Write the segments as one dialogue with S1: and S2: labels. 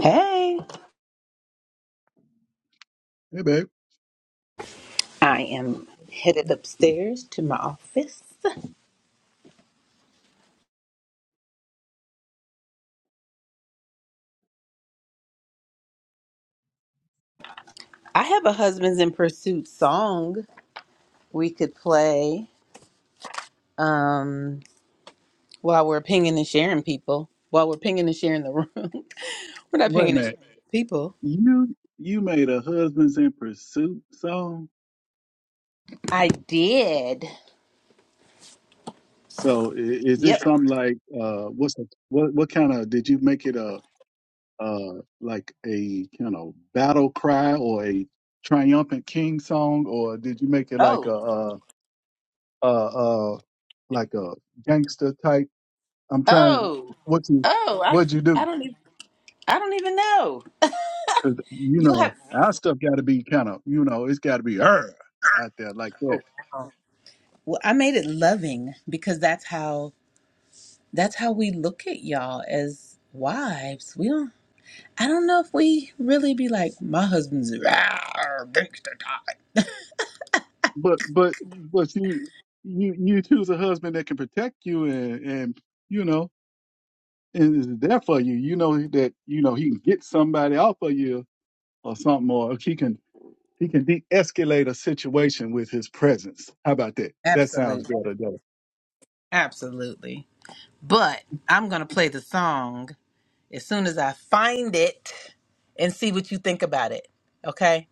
S1: Hey,
S2: Hey, babe.
S1: I am headed upstairs to my office. I have a Husbands in Pursuit song we could play um, while we're pinging and sharing people, while we're pinging and sharing the room. we're not
S2: Wait a
S1: pinging and
S2: minute.
S1: sharing people.
S2: You you made a Husbands in Pursuit song.
S1: I did.
S2: So i- is this
S1: Yep.
S2: something like uh what's the, what what kind of did you make it a uh like a kind of battle cry or a triumphant king song or did you make it like a
S1: Oh,
S2: uh uh uh like a gangster type? I'm trying to
S1: oh,
S2: what you
S1: oh, I,
S2: what'd you
S1: I
S2: do?
S1: don't even. I don't even know.
S2: Cause you
S1: You'll
S2: know
S1: have.
S2: our stuff got to be kind of you know it's got to be er out there like
S1: Oh,
S2: that.
S1: wow. Well, I made it loving because that's how that's how we look at y'all as wives. We don't. I don't know if we really be like, my husband's rawr, gangsta type."
S2: but but but you you you choose a husband that can protect you and and you know and is there for you. You know that you know he can get somebody off of you or something, or he can he can de-escalate a situation with his presence. How about that? That sounds
S1: Absolutely.
S2: better, though.
S1: Absolutely. But I'm going to play the song as soon as I find it and see what you think about it. Okay?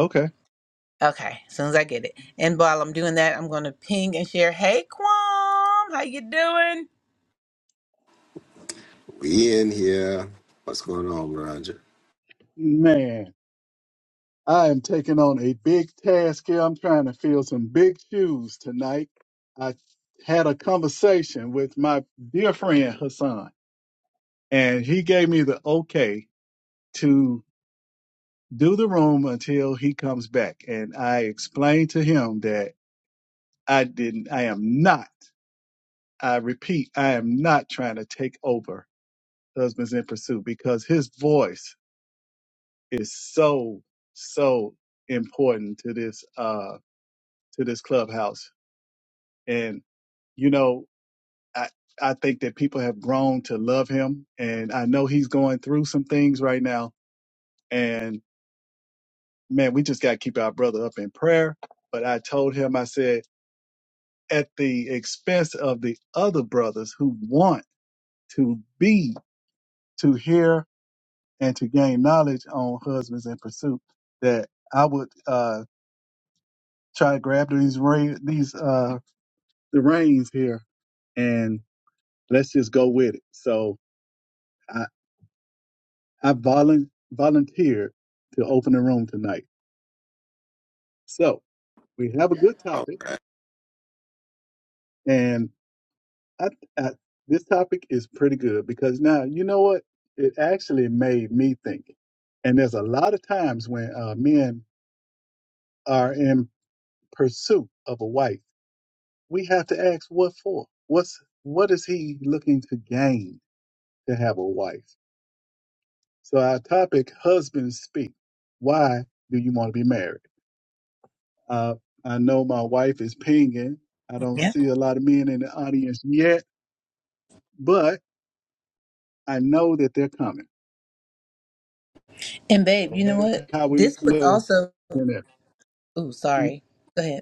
S2: Okay,
S1: Okay. As soon as I get it. And while I'm doing that, I'm going to ping and share, hey, Quam, how you doing?
S3: We in here. What's going on, Roger?
S2: man. I am taking on a big task here. I'm trying to fill some big shoes tonight. I had a conversation with my dear friend Hassan, and he gave me the okay to do the room until he comes back. And I explained to him that I didn't, I am not, I repeat, I am not trying to take over Husbands in Pursuit because his voice is so, so important to this, uh, to this clubhouse. And, you know, I, I think that people have grown to love him and I know he's going through some things right now. And man, we just got to keep our brother up in prayer. But I told him, I said, at the expense of the other brothers who want to be to hear and to gain knowledge on husbands in pursuit that i would uh try to grab these rein these uh the reins here and let's just go with it so i i volun volunteered to open the room tonight so we have a good
S3: All
S2: topic
S3: right.
S2: and I, I, this topic is pretty good because now you know what it actually made me think, and there's a lot of times when uh, men are in pursuit of a wife, we have to ask what for. What's what is he looking to gain to have a wife? So our topic, husbands speak. Why do you want to be married? Uh, I know my wife is pinging. I don't
S1: Yeah.
S2: see a lot of men in the audience yet, but I know that they're coming.
S1: And babe, you know
S2: That's
S1: what?
S2: how we
S1: This would
S2: live
S1: also,
S2: in it.
S1: ooh, sorry. Go ahead.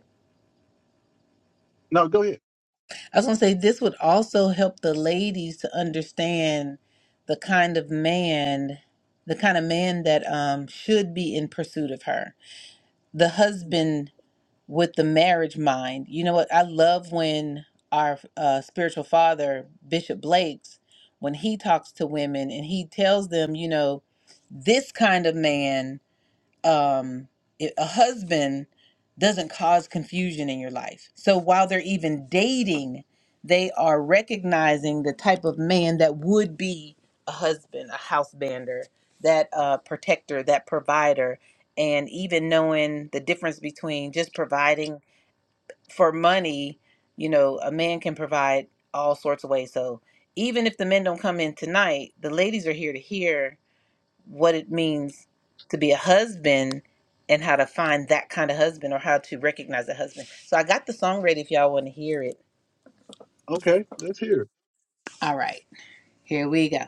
S2: No, go ahead.
S1: I was gonna say this would also help the ladies to understand the kind of man, the kind of man that um should be in pursuit of her. The husband with the marriage mind. You know what? I love when our uh, spiritual father, Bishop Blake's, when he talks to women and he tells them, you know, this kind of man um, it- a husband doesn't cause confusion in your life. So while they're even dating, they are recognizing the type of man that would be a husband, a house bander, that uh, protector, that provider, and even knowing the difference between just providing for money. You know, a man can provide all sorts of ways. So even if the men don't come in tonight, the ladies are here to hear what it means to be a husband and how to find that kind of husband or how to recognize a husband. So I got the song ready if y'all want to hear it.
S2: Okay, let's hear. it.
S1: All right, here we go.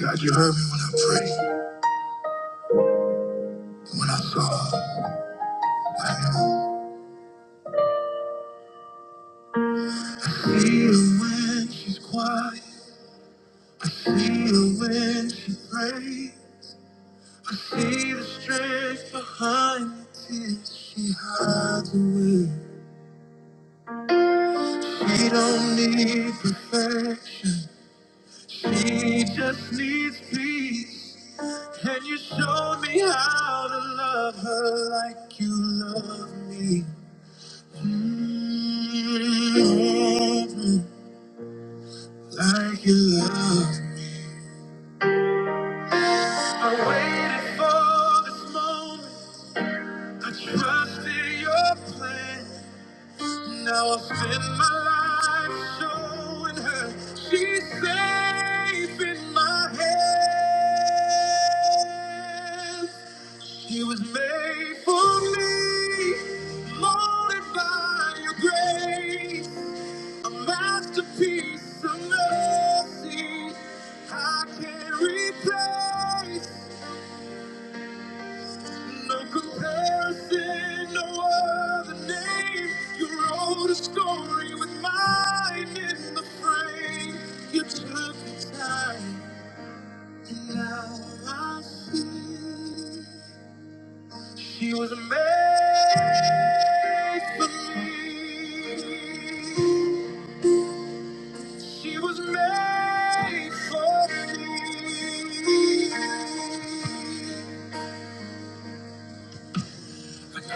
S1: God, you heard me when I prayed, when I saw. See her when she's quiet, see her when she prays. I see the strength behind the tears she hides away. She don't need perfection, she just needs peace. And you showed me how to love her like you love me? Mm, Like you love me. I waited for this moment. I trusted your plan. Now I spend my life showing her she's safe in my hands. He was made for me, molded by your grace, a masterpiece of mercy. I can't replace, no comparison, no other name. You wrote a story with mine in the frame. You took the time, and now I see. She was made for me. She was made for me.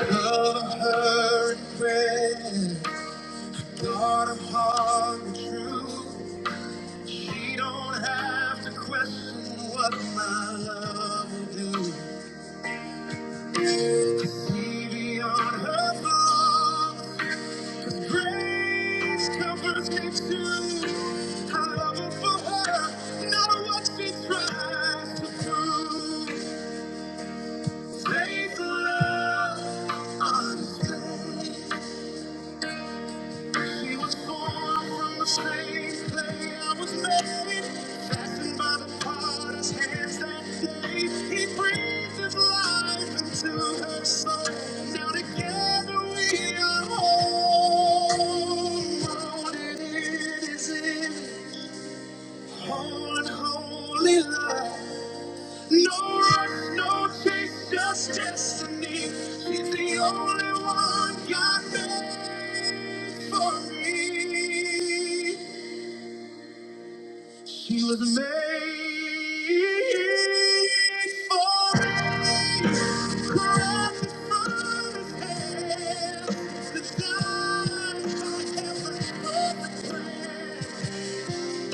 S1: Love her and prayer. God of heart and truth. She don't have to question what my love will do. See beyond her flaws. Grace covers gives you a love is for her, not what she tries to prove. Faith, love, understand. He was born from the same clay I was made, fastened by the potter's hands that day. He breathed his life into her soul. Now together we are whole. Molded in his image, whole and holy love. No rush, no chase, just destiny. She's the only one God made for me. She was made for me. Crafted from His hand, designed by heaven's perfect plan.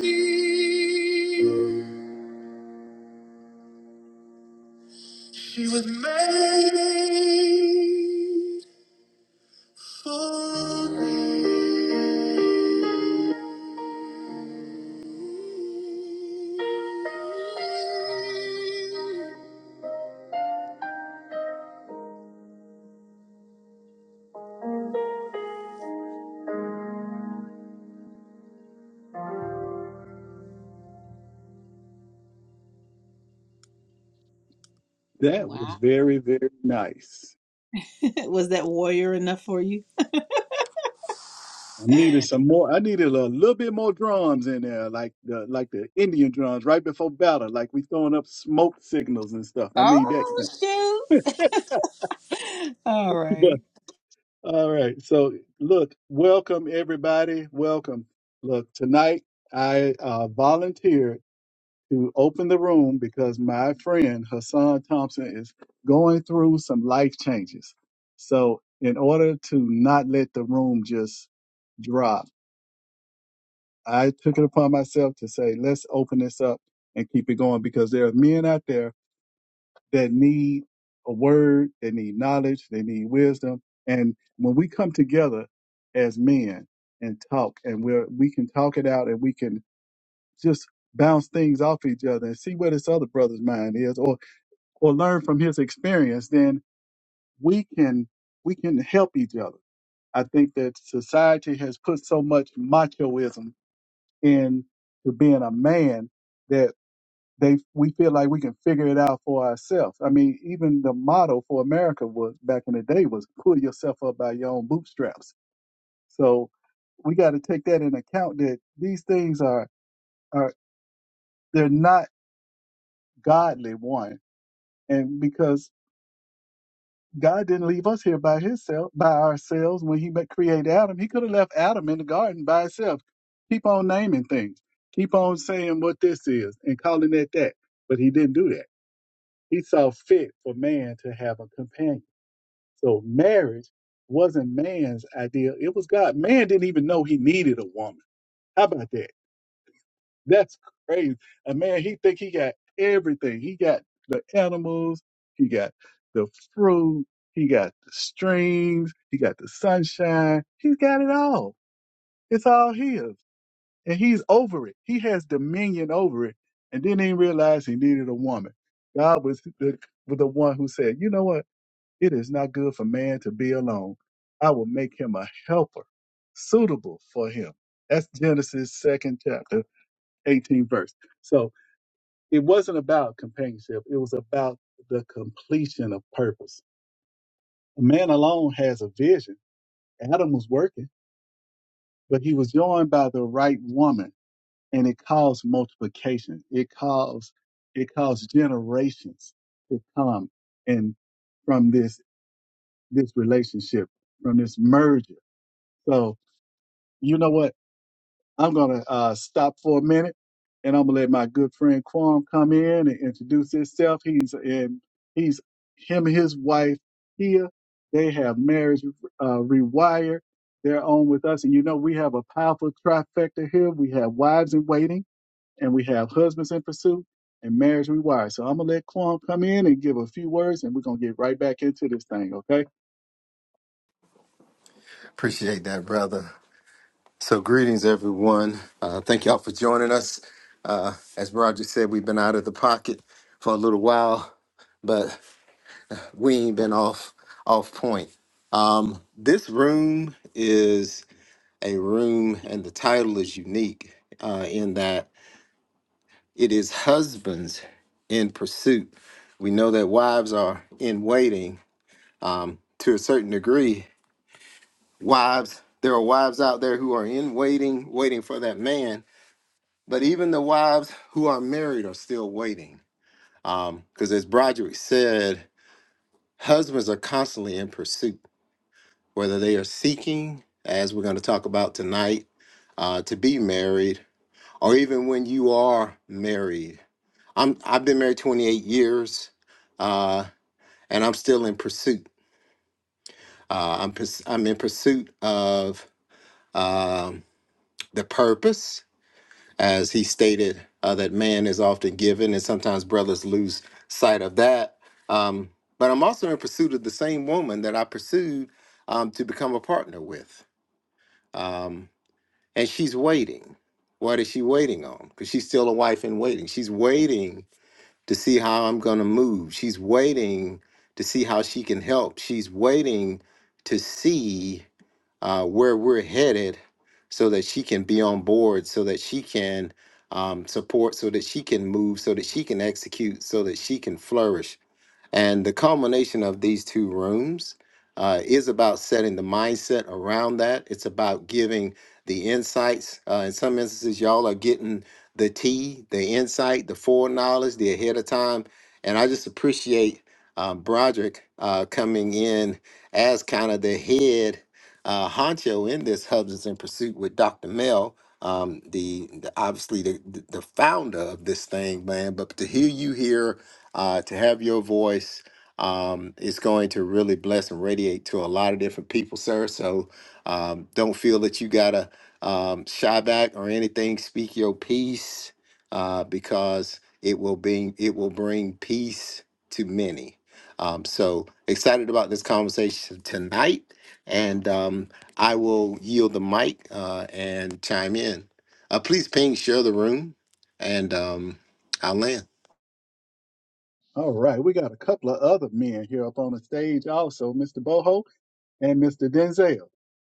S1: Thank you. She was made for me.
S2: That was
S1: Wow.
S2: very, very nice.
S1: was that warrior enough for you?
S2: I needed some more. I needed a little bit more drums in there, like the like the Indian drums right before battle, like we throwing up smoke signals and stuff. I need that.
S1: Oh shoot. All
S2: but
S1: right.
S2: all right. So look, welcome everybody. Welcome. Look, tonight I uh, volunteered. to open the room because my friend Hassan Thompson is going through some life changes. So, in order to not let the room just drop, I took it upon myself to say, let's open this up and keep it going because there are men out there that need a word, they need knowledge, they need wisdom. And when we come together as men and talk, and we're, we can talk it out and we can just bounce things off each other and see where this other brother's mind is or learn from his experience, then we can we can help each other. I think that society has put so much machoism into being a man that they we feel like we can figure it out for ourselves. I mean, even the motto for America was back in the day was pull yourself up by your own bootstraps. So we got to take that in account that these things are are they're not godly one, and because God didn't leave us here by himself, by ourselves. When He ma- created Adam, He could have left Adam in the garden by himself. Keep on naming things. Keep on saying what this is and calling it that. But He didn't do that. He saw fit for man to have a companion. So marriage wasn't man's idea. It was God. Man didn't even know he needed a woman. How about that? That's crazy. And man, he think he got everything. He got the animals, he got the fruit, he got the streams, he got the sunshine. He's got it all. It's all his. And he's over it. He has dominion over it. And then he realized he needed a woman. God was the, was the one who said, you know what? It is not good for man to be alone. I will make him a helper suitable for him. That's Genesis second chapter, 18 verse. So it wasn't about companionship. It was about the completion of purpose. A man alone has a vision. Adam was working, but he was joined by the right woman, and it caused multiplication. It caused it caused generations to come and from this this relationship, from this merger. So you know what? I'm going to uh, stop for a minute and I'm going to let my good friend Quam come in and introduce himself. He's in, he's him and his wife here. They have marriage uh, rewired. They're on with us. And you know, we have a powerful trifecta here. We have wives in waiting and we have husbands in pursuit and marriage rewired. So I'm going to let Quam come in and give a few words and we're going to get right back into this thing. Okay.
S3: Appreciate that, brother. So, greetings, everyone. Uh, thank y'all for joining us. Uh, as Roger said, we've been out of the pocket for a little while, but we ain't been off off point. Um, this room is a room, and the title is unique uh, in that it is husbands in pursuit. We know that wives are in waiting um, to a certain degree, wives there are wives out there who are in waiting waiting for that man but even the wives who are married are still waiting um because as broderick said husbands are constantly in pursuit whether they are seeking as we're going to talk about tonight uh to be married or even when you are married i'm i've been married 28 years uh and i'm still in pursuit uh i'm purs- i'm in pursuit of um the purpose as he stated uh, that man is often given, and sometimes brothers lose sight of that. Um, but I'm also in pursuit of the same woman that I pursued um, to become a partner with, um, and she's waiting. What is she waiting on? Because she's still a wife in waiting. She's waiting to see how I'm going to move. She's waiting to see how she can help. She's waiting to see uh, where we're headed so that she can be on board, so that she can um, support, so that she can move, so that she can execute, so that she can flourish. And the culmination of these two rooms uh, is about setting the mindset around that. It's about giving the insights. Uh, in some instances, y'all are getting the tea, the insight, the foreknowledge, the ahead of time. And I just appreciate um, Broderick uh, coming in as kind of the head uh, honcho in this Hubs in Pursuit with Dr. Mel. Um, the, the obviously the the the founder of this thing, man. But to hear you here uh, to have your voice um, is going to really bless and radiate to a lot of different people, sir. So um, don't feel that you gotta um, shy back or anything. Speak your peace uh, because it will bring it will bring peace to many. Um, so excited about this conversation tonight, and um, I will yield the mic uh, and chime in. Uh, please ping, share the room, and um, I'll land.
S2: All right, we got a couple of other men here up on the stage also, Mr. Boho and Mr. Denzel.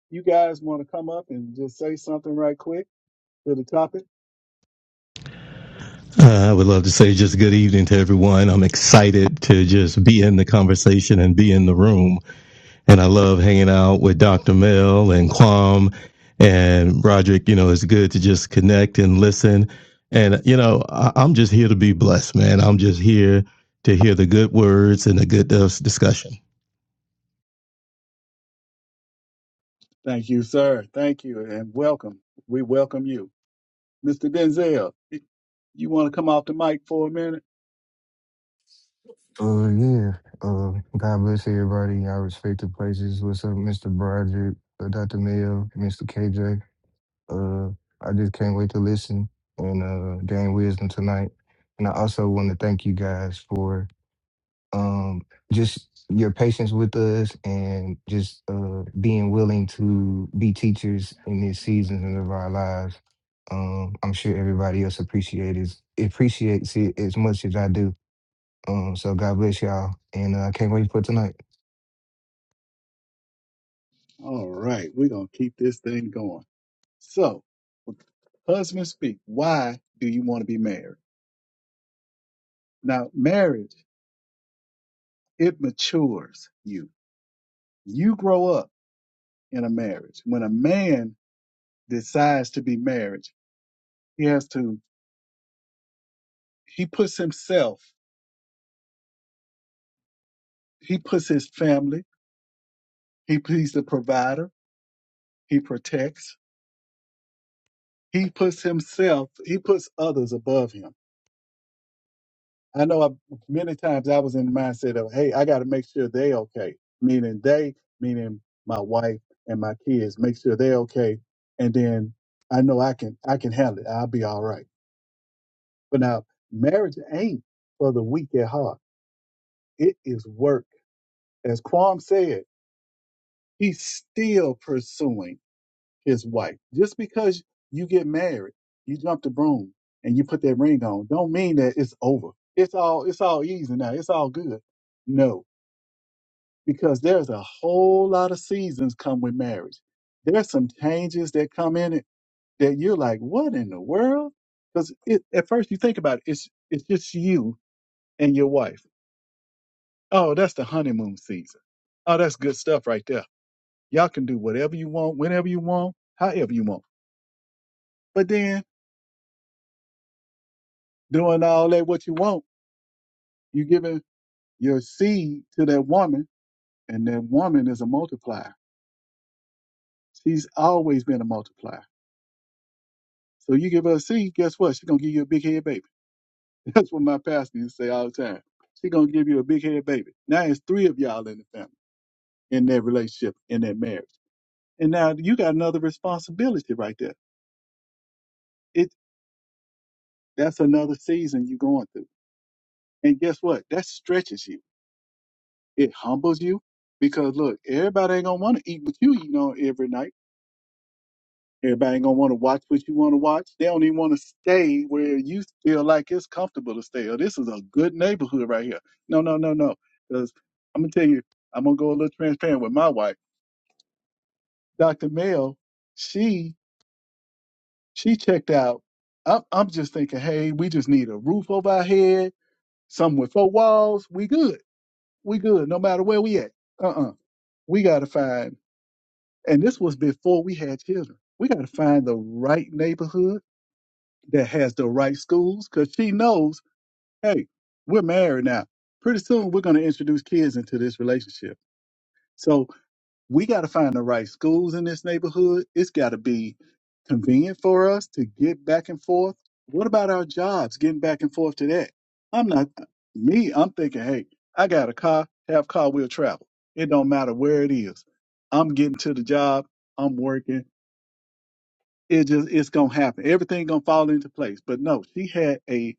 S2: You guys want to come up and just say something right quick to the topic?
S4: Uh, I would love to say just good evening to everyone. I'm excited to just be in the conversation and be in the room. And I love hanging out with Dr. Mel and Kwam and Roderick. You know, it's good to just connect and listen. And, you know, I- I'm just here to be blessed, man. I'm just here to hear the good words and the good uh, discussion.
S2: Thank you, sir. Thank you, and welcome. We welcome you. Mr. Denzel, you want to come off the mic for a minute?
S5: Uh, yeah. Uh, God bless everybody in our respective places. What's up, Mr. Broderick, uh, Dr. Mayo, Mr. KJ? Uh, I just can't wait to listen and uh, gain wisdom tonight. And I also want to thank you guys for um, just your patience with us and just uh, being willing to be teachers in these seasons of our lives. Um, I'm sure everybody else appreciates appreciates it as much as I do um, so God bless y'all, and uh, I can't wait for tonight.
S2: All right, we're going to keep this thing going. So, husband speak, why do you want to be married? Now, marriage, it matures you. You grow up in a marriage. When a man decides to be married, he has to, he puts himself, he puts his family, he, he's the provider, he protects, he puts himself, he puts others above him. I know I, many times I was in the mindset of, hey, I got to make sure they okay, meaning they, meaning my wife and my kids, make sure they okay, and then I know I can, I can handle it. I'll be all right. But now, marriage ain't for the weak at heart. It is work, as Quam said. He's still pursuing his wife. Just because you get married, you jump the broom and you put that ring on, don't mean that it's over. It's all it's all easy now. It's all good. No, because there's a whole lot of seasons come with marriage. There's some changes that come in it that you're like, what in the world? Because it, at first you think about it, it's it's just you and your wife. Oh, that's the honeymoon season. Oh, that's good stuff right there Y'all can do whatever you want, whenever you want, however you want. But then doing all that what you want, you giving your seed to that woman, and that woman is a multiplier. She's always been a multiplier. So you give her a seed, guess what? She's gonna give you a big head baby. That's what my pastor used to say all the time. She's gonna give you a big head baby. Now it's three of y'all in the family, in that relationship, in that marriage. And now you got another responsibility right there. It that's another season you're going through. And guess what? That stretches you It humbles you because look, everybody ain't gonna want to eat what you eating on every night. Everybody ain't gonna want to watch what you want to watch. They don't even want to stay where you feel like it's comfortable to stay. Or this is a good neighborhood right here. No, no, no, no. Because I'm gonna tell you, I'm gonna go a little transparent with my wife, Dr. Mel. She she checked out. I'm, I'm just thinking, hey, we just need a roof over our head, something with four walls. We good. We good. No matter where we at. Uh-uh. We gotta find. And this was before we had children. We got to find the right neighborhood that has the right schools because she knows, hey, we're married now. Pretty soon we're going to introduce kids into this relationship. So we got to find the right schools in this neighborhood. It's got to be convenient for us to get back and forth. What about our jobs, getting back and forth to that? I'm not, me, I'm thinking, hey, I got a car, have car, we will travel. It don't matter where it is. I'm getting to the job, I'm working it just it's gonna happen. Everything gonna fall into place. But no, she had a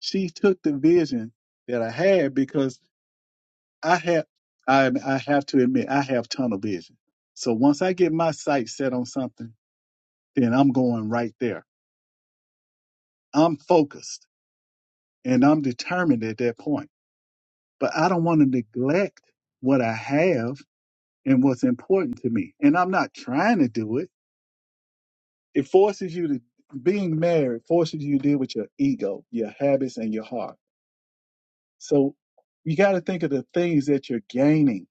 S2: she took the vision that I had because I have I I have to admit I have tunnel vision. So once I get my sight set on something, then I'm going right there. I'm focused and I'm determined at that point. But I don't want to neglect what I have and what's important to me. And I'm not trying to do it. It forces you to being married forces you to deal with your ego, your habits, and your heart So you got to think of the things that you're gaining,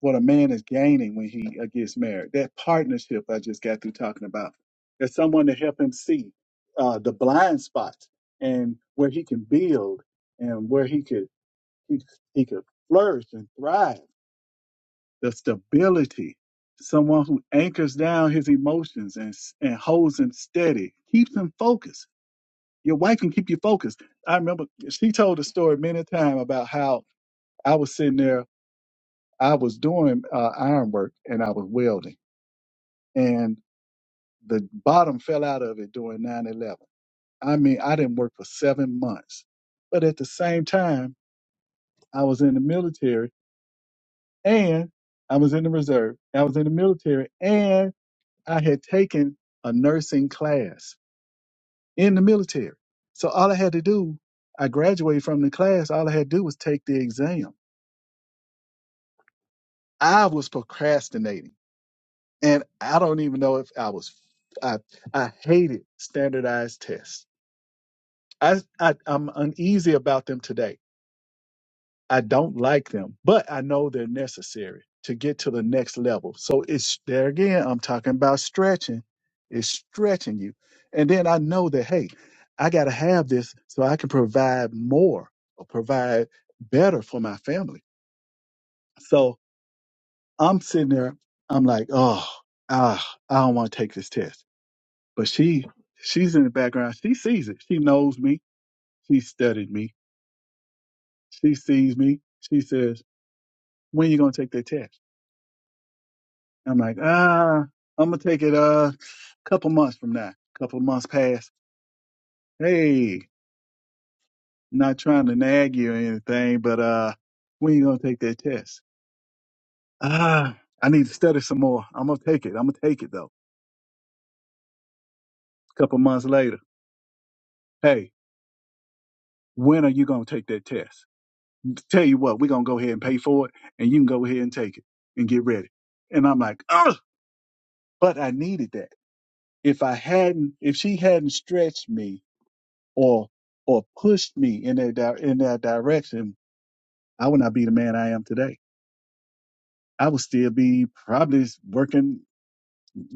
S2: what a man is gaining when he uh, gets married. That partnership I just got through talking about. There's someone to help him see uh, the blind spots and where he can build and where he could he, he could flourish and thrive. The stability, someone who anchors down his emotions and s- and holds him steady, keeps him focused. Your wife can keep you focused. I remember she told a story many times about how I was sitting there I was doing uh, iron work and I was welding, and the bottom fell out of it during 9 11. I mean, I didn't work for seven months. But at the same time, I was in the military and I was in the reserve. I was in the military and I had taken a nursing class in the military. So all I had to do, I graduated from the class, all I had to do was take the exam. I was procrastinating. and I don't even know if I was I I hated standardized tests. I, I I'm uneasy about them today. I don't like them, but I know they're necessary to get to the next level. So it's there again. I'm talking about stretching. It's stretching you, and then I know that hey, I got to have this so I can provide more or provide better for my family. So I'm sitting there. I'm like, oh, ah, I don't want to take this test. But she she's in the background. She sees it. She knows me. She studied me. She sees me. She says, When you gonna take that test? I'm like, ah, I'm gonna take it uh, a couple months from now. Couple months past. Hey, not trying to nag you or anything, but uh when you gonna take that test? Ah, I need to study some more. I'm gonna take it. I'm gonna take it though. Couple months later. Hey, when are you gonna take that test? Tell you what, we're gonna go ahead and pay for it, and you can go ahead and take it and get ready. And I'm like, Ugh! but I needed that. If I hadn't, if she hadn't stretched me or or pushed me in that di- in that direction, I would not be the man I am today. I would still be probably working,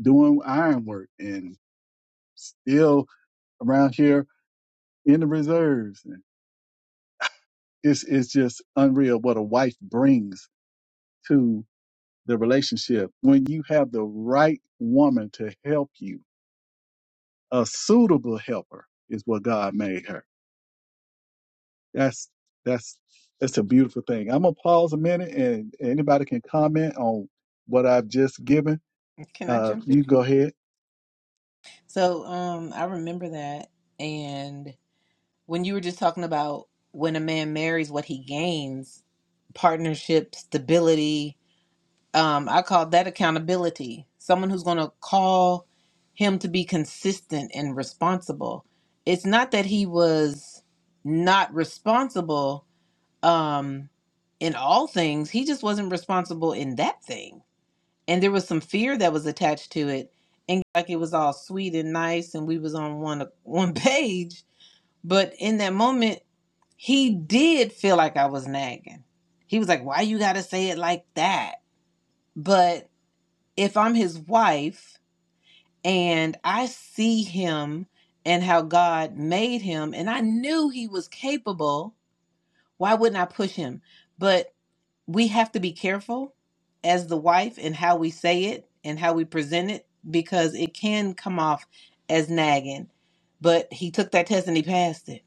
S2: doing iron work, and still around here in the reserves. It's it's just unreal what a wife brings to the relationship when you have the right woman to help you a suitable helper is what god made her that's that's that's a beautiful thing i'm gonna pause a minute and anybody can comment on what i've just given
S1: Can I
S2: uh
S1: jump in?
S2: you go ahead
S1: So um I remember that and when you were just talking about when a man marries what he gains, partnership, stability, um, I call that accountability. Someone who's going to call him to be consistent and responsible. It's not that he was not responsible um, in all things, he just wasn't responsible in that thing. And there was some fear that was attached to it. And like it was all sweet and nice, and we was on one one page. But in that moment, he did feel like I was nagging. He was like, "Why you gotta say it like that?" But if I'm his wife and I see him and how God made him and I knew he was capable, why wouldn't I push him? But we have to be careful as the wife and how we say it and how we present it because it can come off as nagging. But he took that test and he passed it.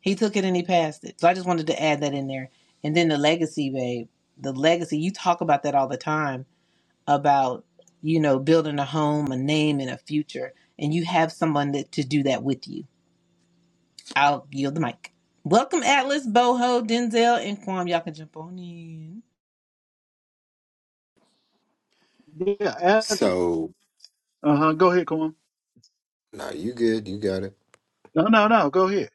S1: He took it and he passed it. So I just wanted to add that in there. And then the legacy, babe. The legacy, you talk about that all the time about you know building a home a name and a future and you have someone that to do that with you i'll yield the mic welcome atlas boho denzel and Kwam. y'all can jump on in
S2: yeah Abby.
S3: So.
S2: uh-huh go ahead Corn.
S3: No, you good. You got it.
S2: no no no go ahead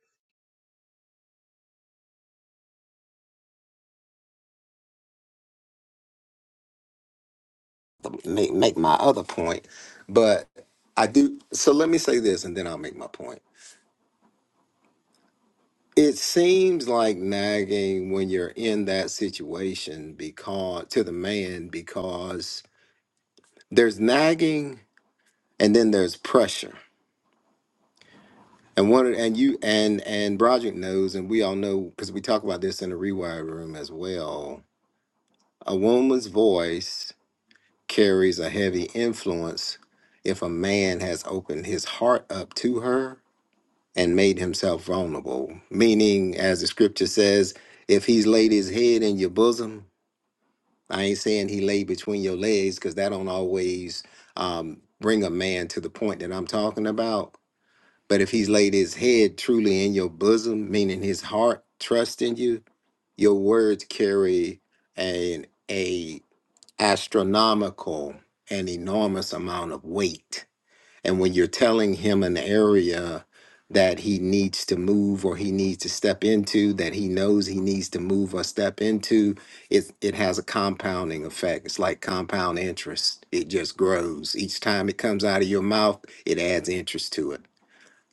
S3: Make make my other point, but I do. So let me say this, and then I'll make my point. It seems like nagging when you're in that situation because to the man because there's nagging and then there's pressure. And one of- and you and and Broderick knows, and we all know because we talk about this in the rewire room as well. A woman's voice carries a heavy influence if a man has opened his heart up to her and made himself vulnerable. Meaning, as the scripture says, if he's laid his head in your bosom, I ain't saying he lay between your legs because that don't always um, bring a man to the point that I'm talking about. But if he's laid his head truly in your bosom, meaning his heart trust in you, your words carry an a astronomical and enormous amount of weight. And when you're telling him an area that he needs to move or he needs to step into, that he knows he needs to move or step into, it, it has a compounding effect. It's like compound interest, it just grows. Each time it comes out of your mouth, it adds interest to it.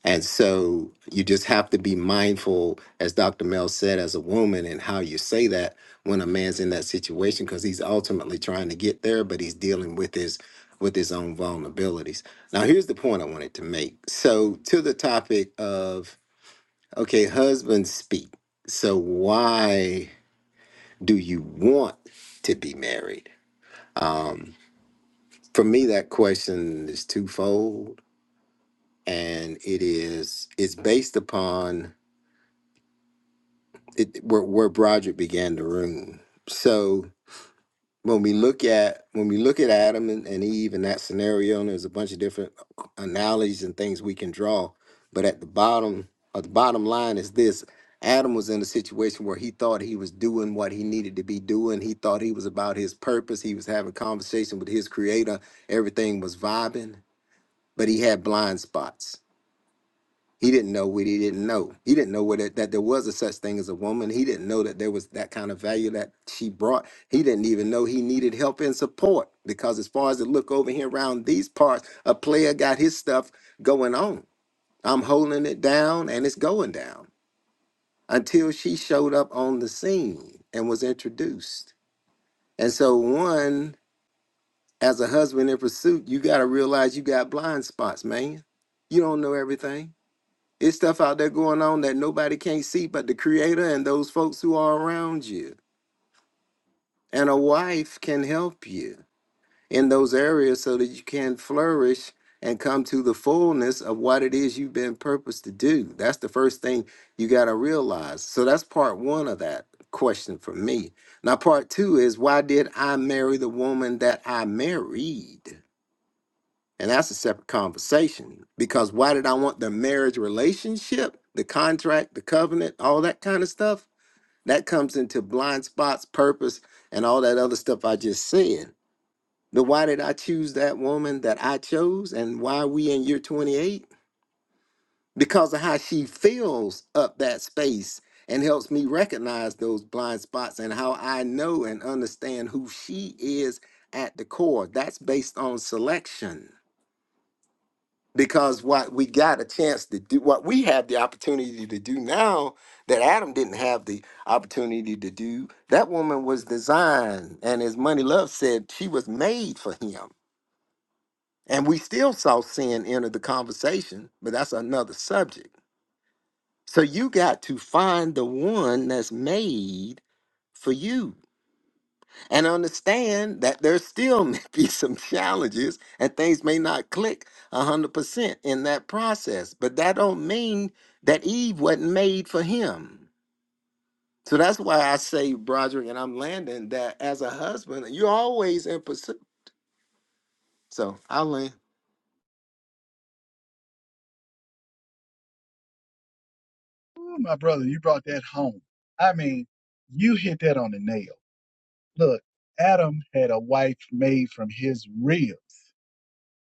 S3: And so you just have to be mindful, as Dr. Mel said, as a woman, and how you say that when a man's in that situation, because he's ultimately trying to get there, but he's dealing with his with his own vulnerabilities. Now, here's the point I wanted to make. So, to the topic of okay, husbands speak. So, why do you want to be married? Um, for me, that question is twofold, and it is it's based upon it, where where Broderick began to room. So when we look at when we look at Adam and, and Eve and that scenario, and there's a bunch of different analogies and things we can draw. But at the bottom, uh, the bottom line is this: Adam was in a situation where he thought he was doing what he needed to be doing. He thought he was about his purpose. He was having conversation with his creator. Everything was vibing, but he had blind spots he didn't know what he didn't know. He didn't know what it, that there was a such thing as a woman. He didn't know that there was that kind of value that she brought. He didn't even know he needed help and support because as far as it look over here around these parts, a player got his stuff going on. I'm holding it down and it's going down until she showed up on the scene and was introduced. And so one, as a husband in pursuit, you got to realize you got blind spots, man. You don't know everything it's stuff out there going on that nobody can't see but the creator and those folks who are around you. And a wife can help you in those areas so that you can flourish and come to the fullness of what it is you've been purposed to do. That's the first thing you got to realize. So that's part one of that question for me. Now, part two is why did I marry the woman that I married? And that's a separate conversation because why did I want the marriage relationship, the contract, the covenant, all that kind of stuff? That comes into blind spots, purpose, and all that other stuff I just said. But why did I choose that woman that I chose and why are we in year 28? Because of how she fills up that space and helps me recognize those blind spots and how I know and understand who she is at the core. That's based on selection because what we got a chance to do, what we have the opportunity to do now that Adam didn't have the opportunity to do, that woman was designed. And as Money Love said, she was made for him. And we still saw sin enter the conversation, but that's another subject. So you got to find the one that's made for you and understand that there still may be some challenges and things may not click 100% in that process but that don't mean that eve wasn't made for him so that's why i say broderick and i'm landing that as a husband you're always in pursuit so i land
S2: Ooh, my brother you brought that home i mean you hit that on the nail look adam had a wife made from his ribs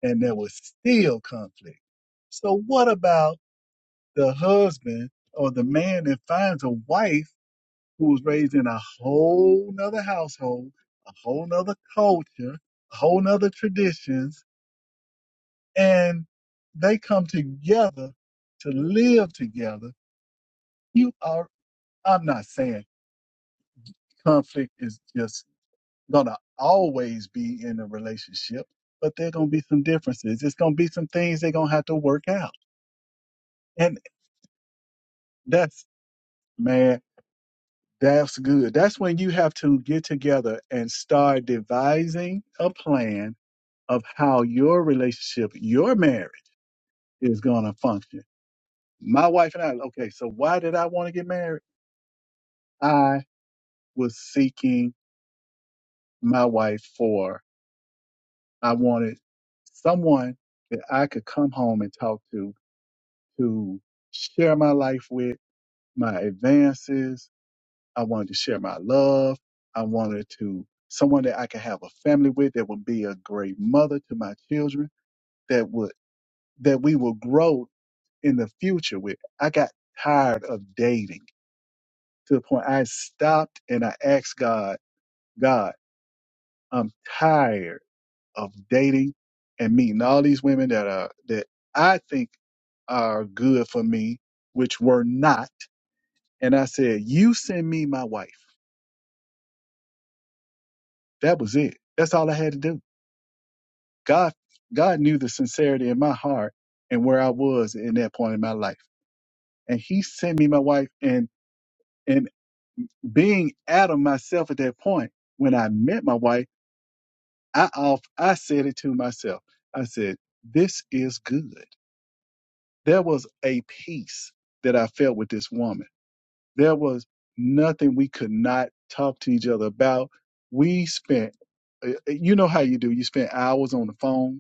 S2: and there was still conflict. So what about the husband or the man that finds a wife who was raised in a whole nother household, a whole nother culture, a whole nother traditions, and they come together to live together. You are I'm not saying conflict is just gonna always be in a relationship, but there are gonna be some differences. It's gonna be some things they're gonna have to work out. And that's man. That's good. That's when you have to get together and start devising a plan of how your relationship, your marriage is going to function. My wife and I, okay, so why did I want to get married? I was seeking my wife for, I wanted someone that I could come home and talk to, to share my life with, my advances, I wanted to share my love. I wanted to someone that I could have a family with that would be a great mother to my children that would that we will grow in the future with. I got tired of dating to the point I stopped and I asked God, God, I'm tired of dating and meeting all these women that are that I think are good for me, which were not. And I said, You send me my wife. That was it. That's all I had to do. God God knew the sincerity in my heart and where I was in that point in my life. And he sent me my wife and and being Adam myself at that point, when I met my wife, I off I said it to myself. I said, This is good. There was a peace that I felt with this woman. There was nothing we could not talk to each other about. We spent uh, you know how you do. You spend hours on the phone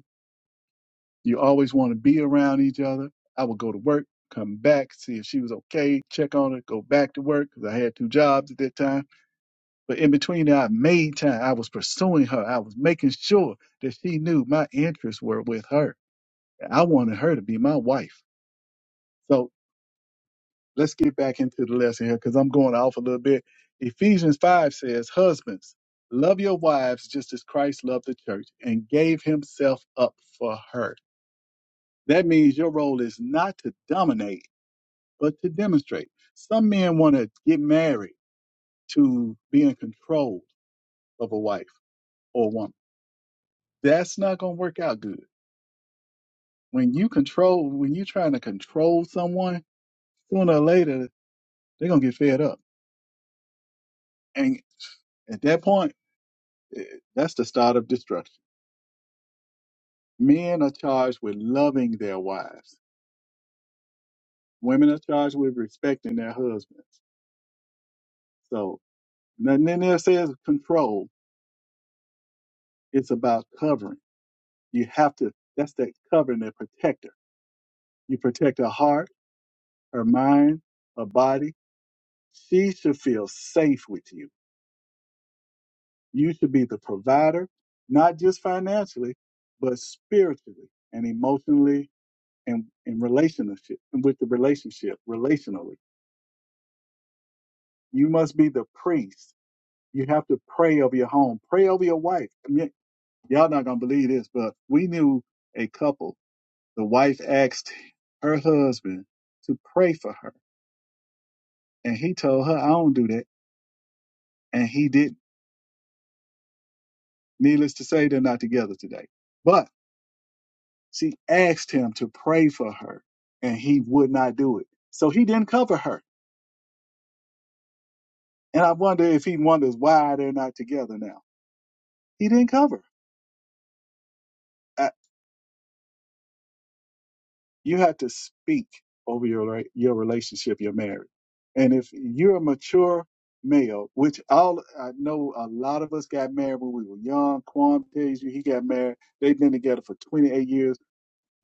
S2: You always want to be around each other. I would go to work, come back, see if she was okay, check on her, go back to work because I had two jobs at that time. But in between that, I made time. I was pursuing her. I was making sure that she knew my interests were with her. I wanted her to be my wife. So let's get back into the lesson here because I'm going off a little bit. Ephesians 5 says, Husbands, love your wives just as Christ loved the church and gave himself up for her. That means your role is not to dominate but to demonstrate. Some men want to get married to being controlled of a wife or a woman. That's not going to work out good. When you control, when you're trying to control someone, sooner or later they're going to get fed up, and at that point, eh, that's the start of destruction. Men are charged with loving their wives. Women are charged with respecting their husbands. So nothing in there says control. It's about covering. You have to. That's that covering, that protector You protect her heart, her mind, her body. She should feel safe with you. You should be the provider, not just financially, but spiritually and emotionally and in relationship with the relationship, relationally. You must be the priest. You have to pray over your home, pray over your wife. I mean, y'all not gonna believe this, but we knew a couple. The wife asked her husband to pray for her, and he told her, "I don't do that," and he didn't Needless to say, they're not together today. But she asked him to pray for her, and he would not do it. So he didn't cover her. And I wonder if he wonders why they're not together now. He didn't cover. Uh, You have to speak over your rela- your relationship, your marriage. And if you're a mature male, which all I know a lot of us got married when we were young. Quan tells you he got married. They've been together for 28 years.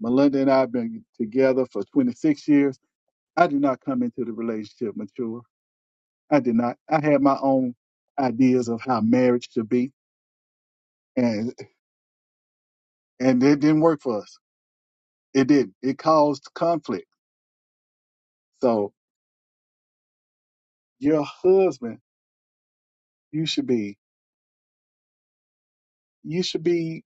S2: Melinda and I have been together for 26 years I did not come into the relationship mature. I did not. I had my own ideas of how marriage should be, and and it didn't work for us. It didn't. It caused conflict. So your husband, you should be, you should be,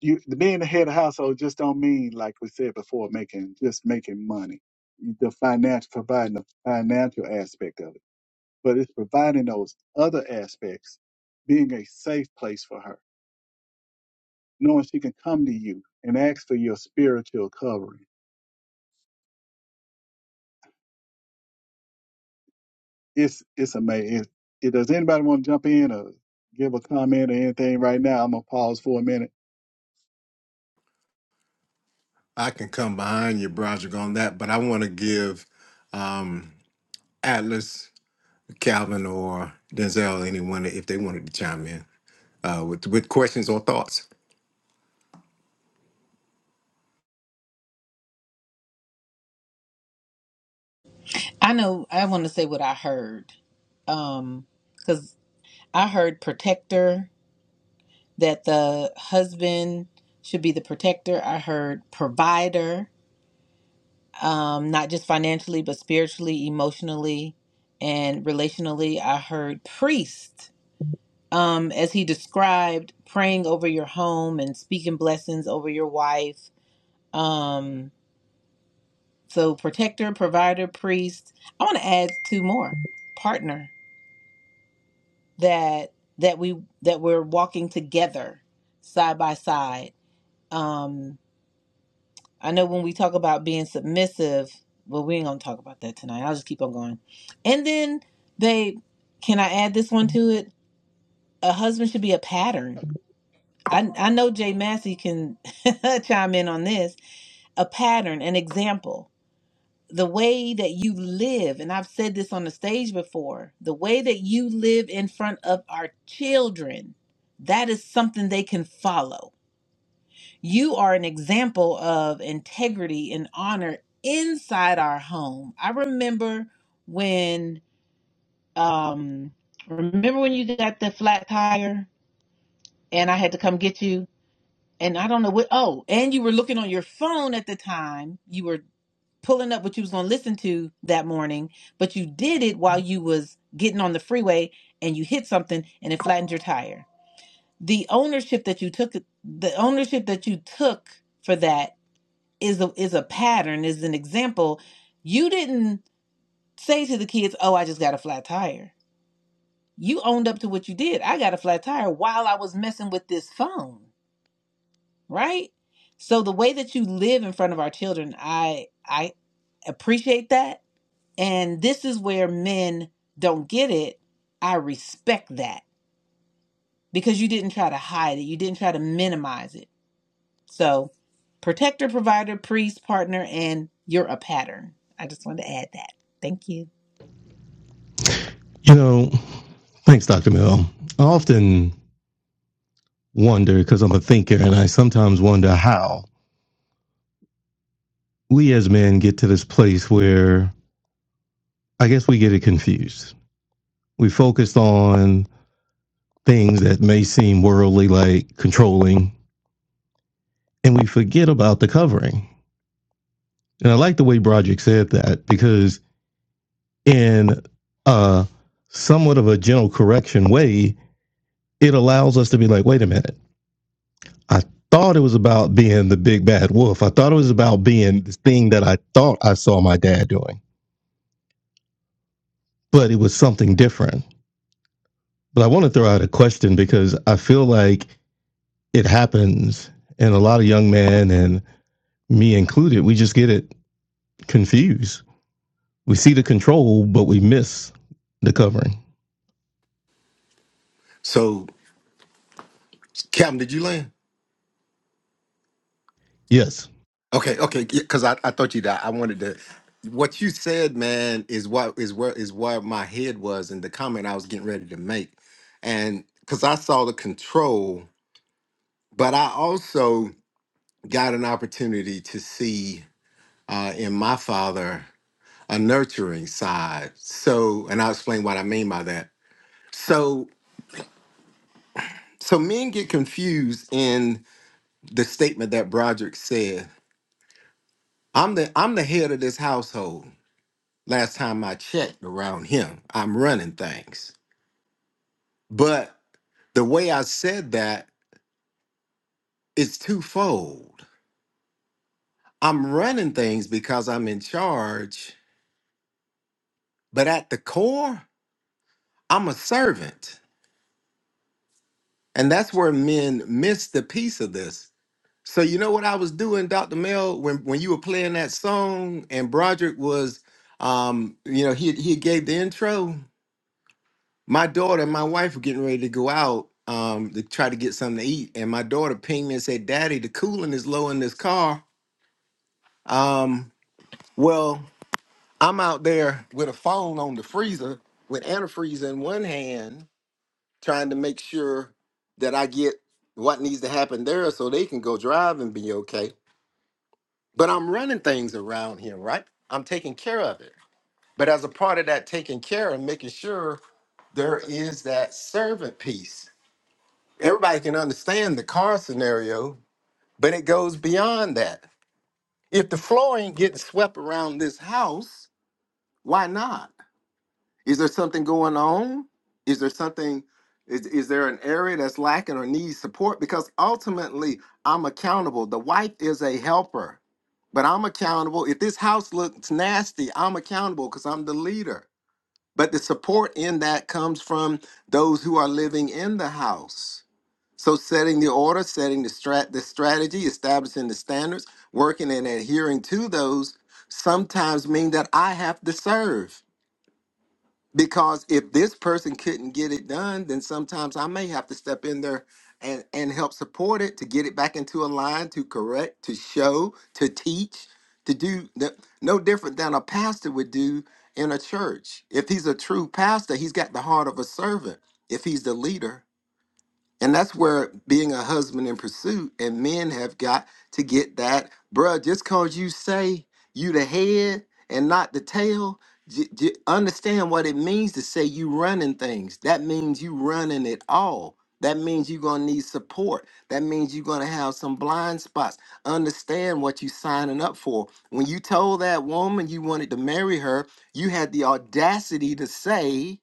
S2: you being the head of household just don't mean like we said before, making just making money, the financial providing the financial aspect of it, but it's providing those other aspects, being a safe place for her knowing she can come to you and ask for your spiritual covering. It's it's amazing. It, it- does anybody want to jump in or give a comment or anything right now? I'm gonna pause for a minute.
S3: I can come behind you, Broderick, on that, but I want to give um, Atlas, Calvin, or Denzel anyone if they wanted to chime in uh, with with questions or thoughts.
S1: i know i want to say what i heard um because i heard protector that the husband should be the protector i heard provider um not just financially but spiritually emotionally and relationally i heard priest um, as he described, praying over your home and speaking blessings over your wife. Um, so, protector, provider, priest. I want to add two more partner that that we that we're walking together, side by side. Um, I know when we talk about being submissive, well, we ain't gonna talk about that tonight. I'll just keep on going. And then, babe, can I add this one to it? A husband should be a pattern I, I know Jay Massey can chime in on this. A pattern, an example, the way that you live, and I've said this on the stage before, the way that you live in front of our children, that is something they can follow. You are an example of integrity and honor inside our home. I remember when, um, remember when you got the flat tire and I had to come get you and I don't know what. Oh, and you were looking on your phone at the time. You were pulling up what you was going to listen to that morning, but you did it while you was getting on the freeway and you hit something and it flattened your tire. The ownership that you took, the ownership that you took for that is a is a pattern, is an example. You didn't say to the kids, "Oh, I just got a flat tire." You owned up to what you did. I got a flat tire while I was messing with this phone. right? So the way that you live in front of our children, I I appreciate that. And this is where men don't get it. I respect that because you didn't try to hide it. You didn't try to minimize it. So protector, provider, priest, partner, and you're a pattern. I just wanted to add that. Thank you.
S4: You know, thanks, Dr. Mill. I often wonder, because I'm a thinker, and I sometimes wonder how we as men get to this place where I guess we get it confused. We focus on things that may seem worldly, like controlling, and we forget about the covering. And I like the way Broderick said that because, in a somewhat of a gentle correction way, it allows us to be like, wait a minute I thought it was about being the big bad wolf. I thought it was about being the thing that I thought I saw my dad doing, but it was something different. But I want to throw out a question because I feel like it happens, and a lot of young men, and me included, we just get it confused. We see the control, but we miss the covering.
S3: So, Calvin, did you land?
S4: Yes.
S3: Okay, okay, because I, I thought you that I wanted to. What you said, man, is what is where is where my head was in the comment I was getting ready to make, and because I saw the control, but I also got an opportunity to see uh, in my father a nurturing side. So, and I'll explain what I mean by that. So, so men get confused in the statement that Broderick said. I'm the I'm the head of this household. last time I checked around him. I'm running things. But the way I said that is twofold. I'm running things because I'm in charge, but at the core, I'm a servant. And that's where men miss the piece of this. So you know what I was doing, Dr. Mel, when, when you were playing that song and Broderick was um, you know, he he gave the intro. my daughter and my wife were getting ready to go out um, to try to get something to eat, and my daughter pinged me and said, "Daddy, the coolant is low in this car." Um, well, I'm out there with a phone on the freezer with antifreeze in one hand, trying to make sure that I get what needs to happen there so they can go drive and be okay. But I'm running things around here, right? I'm taking care of it. But as a part of that taking care and making sure, there is that servant piece everybody can understand the car scenario, but it goes beyond that. If the flooring ain't getting swept around this house, why not? Is there something going on? Is there something? Is, is there an area that's lacking or needs support? Because ultimately, I'm accountable. The wife is a helper, but I'm accountable. If this house looks nasty, I'm accountable because I'm the leader. But the support in that comes from those who are living in the house. So setting the order, setting the strat the strategy, establishing the standards, working and adhering to those sometimes mean that I have to serve. Because if this person couldn't get it done, then sometimes I may have to step in there and, and help support it to get it back into a line, to correct, to show, to teach, to do the, no different than a pastor would do in a church. If he's a true pastor, he's got the heart of a servant. If he's the leader, and that's where being a husband in pursuit and men have got to get that, bruh, just cause you say you the head and not the tail, j- j- understand what it means to say you running things. That means you running it all. That means you're gonna need support. That means you're gonna have some blind spots. Understand what you signing up for. When you told that woman you wanted to marry her, you had the audacity to say,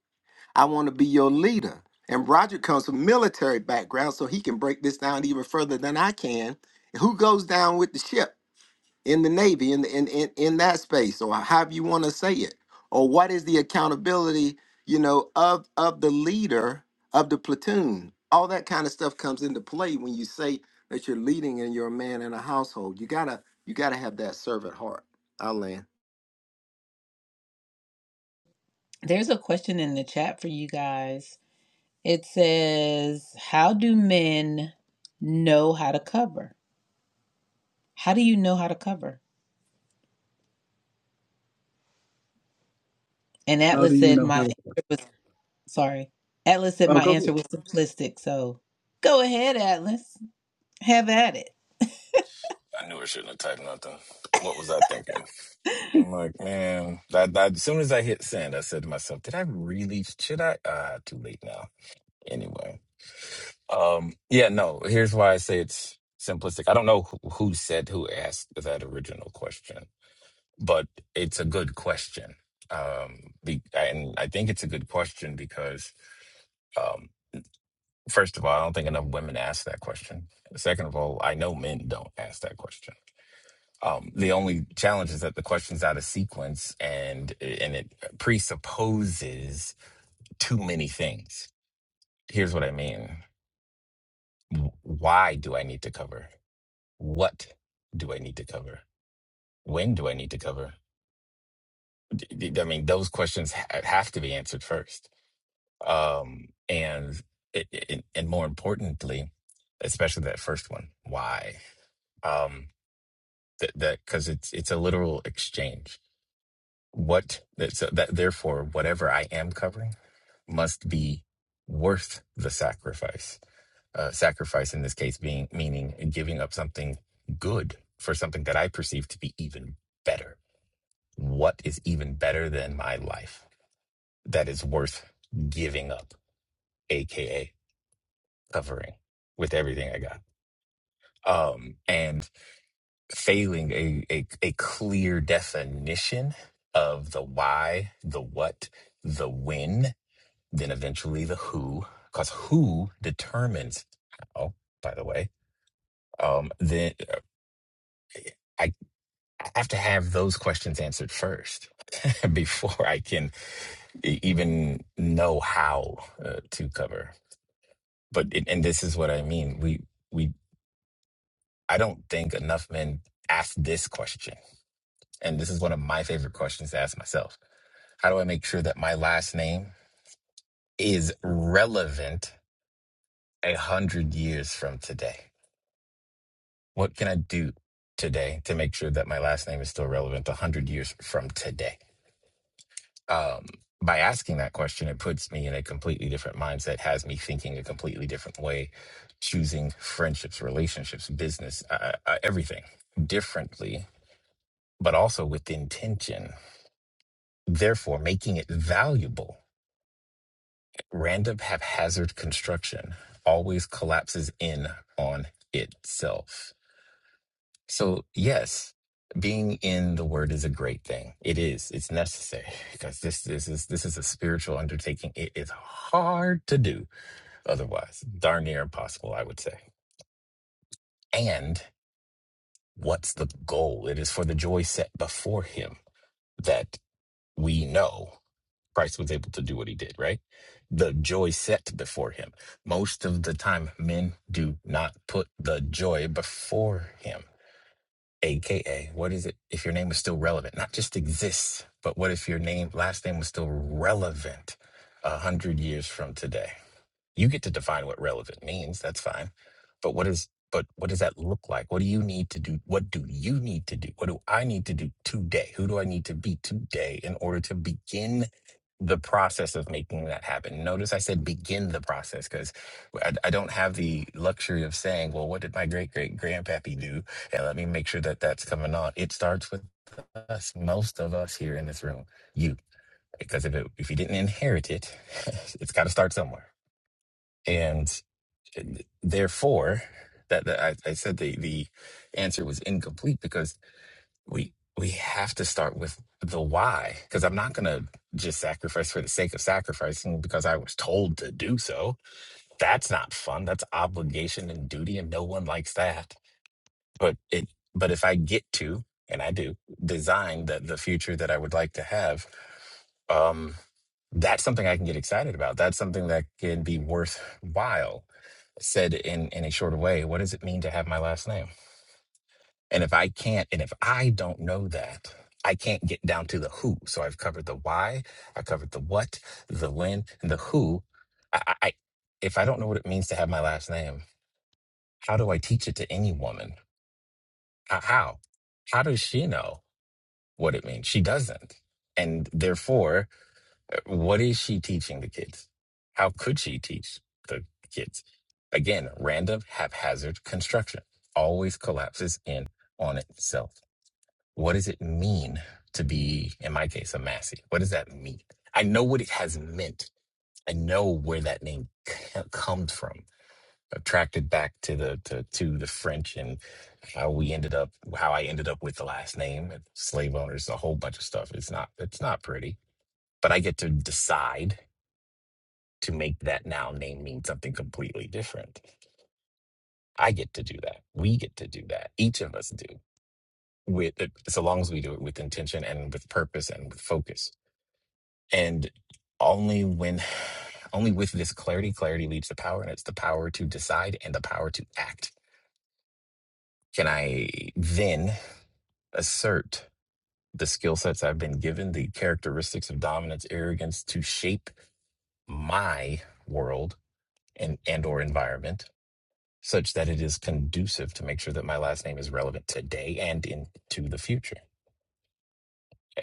S3: I want to be your leader. And Roger comes from military background, so he can break this down even further than I can. Who goes down with the ship in the Navy in the, in, in in that space, or however you want to say it, or what is the accountability, you know, of of the leader of the platoon? All that kind of stuff comes into play when you say that you're leading and you're a man in a household. You gotta you gotta have that servant heart. I land.
S1: There's a question in the chat for you guys. It says, How do men know how to cover? How do you know how to cover? And
S2: How do
S1: Atlas
S2: you
S1: said
S2: know
S1: my
S2: how to?
S1: answer was sorry. Atlas said
S2: Oh,
S1: my answer
S2: go
S1: was simplistic. So go ahead, Atlas. Have at it.
S6: I knew I shouldn't have typed nothing. What was I thinking? I'm like, man, that, that as soon as I hit send, I said to myself, did I really should I uh too late now. Anyway. Um yeah, no, here's why I say it's simplistic. I don't know who, who said who asked that original question, but it's a good question. Um be, and I think it's a good question because um first of all, I don't think enough women ask that question. Second of all, I know men don't ask that question Um, the only challenge is that the question's out of sequence and and it presupposes too many things. Here's what I mean. W- Why do I need to cover? What do I need to cover? When do I need to cover? D- d- I mean, those questions ha- have to be answered first. Um, and it, it, and more importantly, especially that first one, why? Um, that that because it's it's a literal exchange What that- so that therefore whatever I am covering must be worth the sacrifice. Uh, sacrifice in this case being meaning giving up something good for something that I perceive to be even better. What is even better than my life that is worth giving up, aka covering with everything I got. Um, and failing a, a a clear definition of the why, the what, the when then eventually the who, because who determines how, by the way. Um, then uh, I I have to have those questions answered first before I can e- even know how uh, to cover. But it, and this is what I mean. We we I don't think enough men ask this question, and this is one of my favorite questions to ask myself. How do I make sure that my last name is relevant a hundred years from today? What can I do today to make sure that my last name is still relevant 100 years from today? Um, by asking that question, it puts me in a completely different mindset, has me thinking a completely different way, choosing friendships, relationships, business, uh, uh, everything differently, but also with intention. Therefore, making it valuable. Random haphazard construction always collapses in on itself So, yes, being in the word is a great thing. It is. It's necessary because this this is this is a spiritual undertaking. It is hard to do otherwise. Darn near impossible, I would say. And what's the goal? It is for the joy set before him that we know Christ was able to do what he did, right? The joy set before him. Most of the time, men do not put the joy before him. AKA, what is it if your name was still relevant? Not just exists, but what if your name, last name was still relevant a hundred years from today? You get to define what relevant means. That's fine. But what is but what does that look like? What do you need to do? What do you need to do? What do I need to do today? Who do I need to be today in order to begin the process of making that happen? Notice I said begin the process because I, I don't have the luxury of saying, well, what did my great great grandpappy do? And let me make sure that that's coming on. It starts with us, most of us here in this room, you, because if it, if you didn't inherit it, it's got to start somewhere. and. Therefore, that, that I, I said the the answer was incomplete because we we have to start with the why. Because I'm not gonna just sacrifice for the sake of sacrificing because I was told to do so. That's not fun. That's obligation and duty, and no one likes that. But it but if I get to and I do design the the future that I would like to have, um, that's something I can get excited about. That's something that can be worthwhile said in in a shorter way what does it mean to have my last name and if i can't and if i don't know that i can't get down to the who so i've covered the why i covered the what the when and the who i, I I- if i don't know what it means to have my last name how do i teach it to any woman how how, how does she know what it means she doesn't and therefore What is she teaching the kids? How could she teach the kids? Again, random, haphazard construction always collapses in on itself. What does it mean to be, in my case, a Massey? What does that mean? I know what it has meant. I know where that name c- comes from. I've Tracked it back to the to, to the French and how we ended up, how I ended up with the last name. Slave owners, a whole bunch of stuff. It's not it's not pretty but I get to decide to make that now name mean something completely different. I get to do that. We get to do that. Each of us do with uh, so long as we do it with intention and with purpose and with focus. And only when only with this clarity, clarity leads to power, and it's the power to decide and the power to act. Can I then assert the skill sets I've been given, the characteristics of dominance, arrogance to shape my world and and or environment? such that it is conducive to make sure that my last name is relevant today and into the future.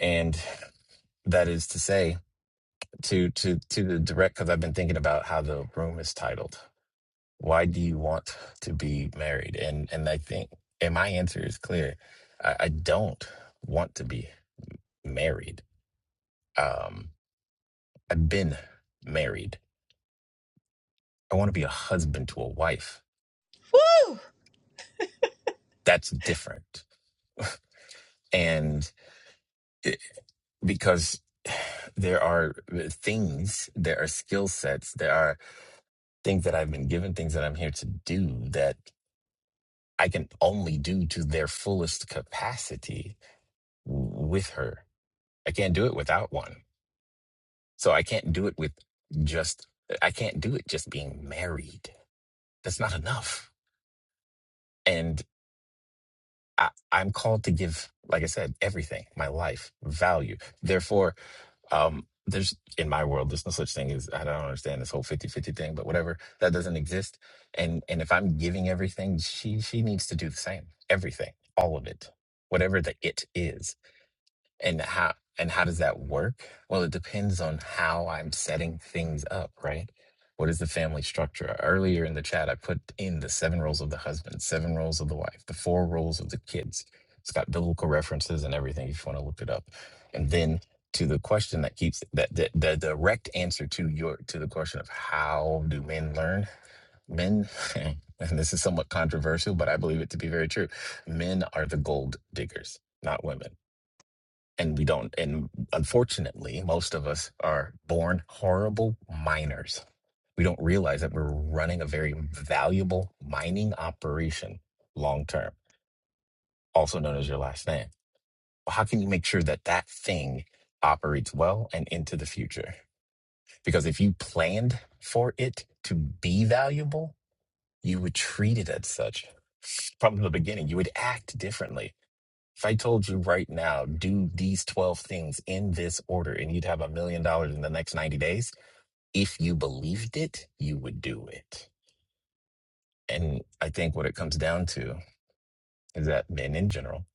S6: And that is to say, to to to the direct, because I've been thinking about how the room is titled. Why do you want to be married? And and I think, and my answer is clear. I, I don't want to be married. Um, I've been married. I want to be a husband to a wife.
S1: Woo!
S6: That's different. And because there are things, there are skill sets, there are things that I've been given, things that I'm here to do that I can only do to their fullest capacity w- with her. I can't do it without one. So I can't do it with just, I can't do it just being married. That's not enough. And I, I'm called to give, like I said, everything, my life, value. Therefore, Um, there's in my world, there's no such thing as I don't understand this whole fifty-fifty thing, but whatever, that doesn't exist. And and if I'm giving everything, she she needs to do the same. Everything, all of it, whatever the it is. And how and how does that work? Well, it depends on how I'm setting things up, right? What is the family structure? Earlier in the chat, I put in the seven roles of the husband, seven roles of the wife, the four roles of the kids. It's got biblical references and everything if you want to look it up. And then to the question that keeps that the, the direct answer to your to the question of how do men learn? Men, and this is somewhat controversial, but I believe it to be very true. Men are the gold diggers, not women and we don't and unfortunately most of us are born horrible miners we don't realize that we're running a very valuable mining operation long term also known as your last name Well, how can you make sure that that thing operates well and into the future because if you planned for it to be valuable you would treat it as such from the beginning you would act differently If I told you right now, do these 12 things in this order and you'd have a million dollars in the next 90 days, if you believed it, you would do it. And I think what it comes down to is that men in general,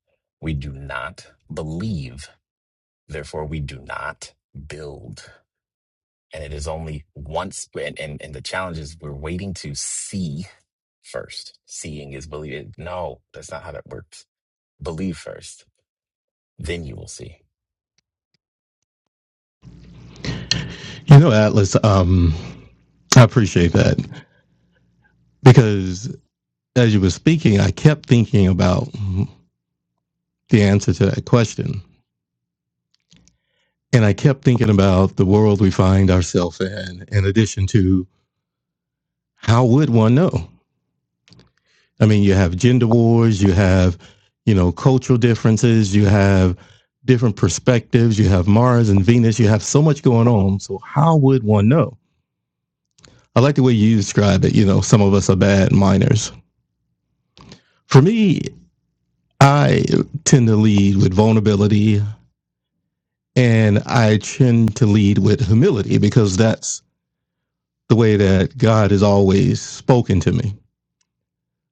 S6: we do not believe, therefore, we do not build. And it is only once, and, and, and the challenge is we're waiting to see first. Seeing is believing. No, that's not how that works. Believe first, then you will see.
S4: You know, Atlas, um, I appreciate that because as you were speaking, I kept thinking about the answer to that question And I kept thinking about the world we find ourselves in, in addition to how would one know? I mean, you have gender wars, you have, you know, cultural differences, you have different perspectives, you have Mars and Venus, you have so much going on. So, how would one know? I like the way you describe it. You know, some of us are bad miners. For me, I tend to lead with vulnerability and I tend to lead with humility because that's the way that God has always spoken to me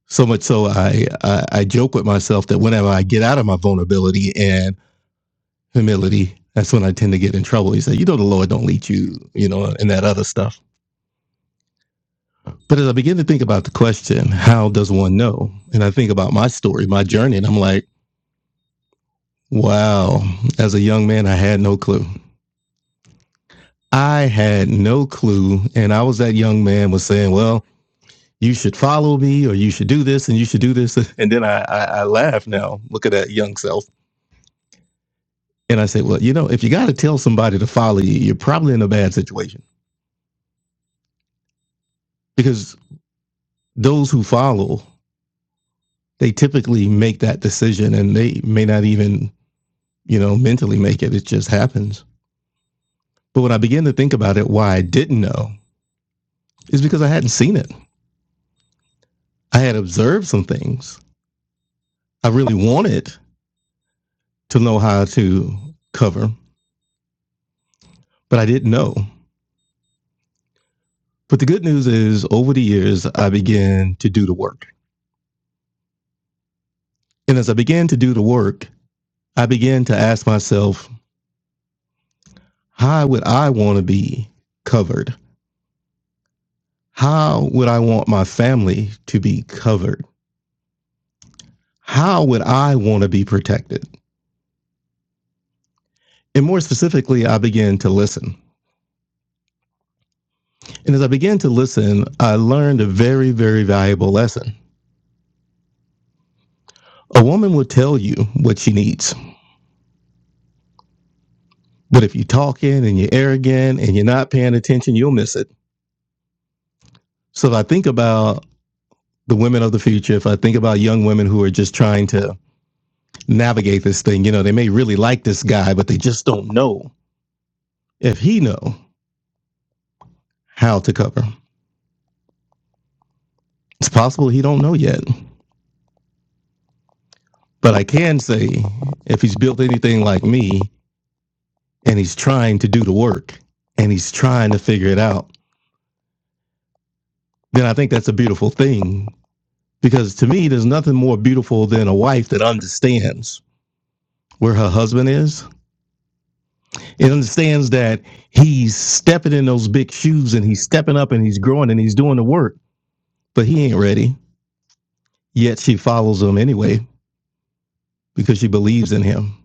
S4: So much so, I, I I joke with myself that whenever I get out of my vulnerability and humility, that's when I tend to get in trouble. He said, "You know, the Lord don't lead you, you know, and that other stuff." But as I begin to think about the question, how does one know? And I think about my story, my journey, and I'm like, wow. As a young man, I had no clue. I had no clue, and I was that young man was saying, "Well, you should follow me, or you should do this, and you should do this." And then I I, I laugh now. Look at that young self And I said, well, you know, if you got to tell somebody to follow you, you're probably in a bad situation because those who follow, they typically make that decision and they may not even, you know, mentally make it. It just happens. But when I began to think about it, why I didn't know is because I hadn't seen it. I had observed some things. I really wanted to know how to cover, but I didn't know. But the good news is over the years, I began to do the work. And as I began to do the work, I began to ask myself, How would I want to be covered? How would I want my family to be covered? How would I want to be protected? And more specifically, I began to listen. And as I began to listen, I learned a very, very valuable lesson. A woman will tell you what she needs, but if you're talking and you're arrogant and you're not paying attention, you'll miss it. So if I think about the women of the future, if I think about young women who are just trying to navigate this thing, you know, they may really like this guy, but they just don't know if he know how to cover. It's possible he don't know yet. But I can say if he's built anything like me and he's trying to do the work and he's trying to figure it out, then I think that's a beautiful thing. Because to me, there's nothing more beautiful than a wife that understands where her husband is. It understands that he's stepping in those big shoes and he's stepping up and he's growing and he's doing the work, but he ain't ready. Yet she follows him anyway because she believes in him.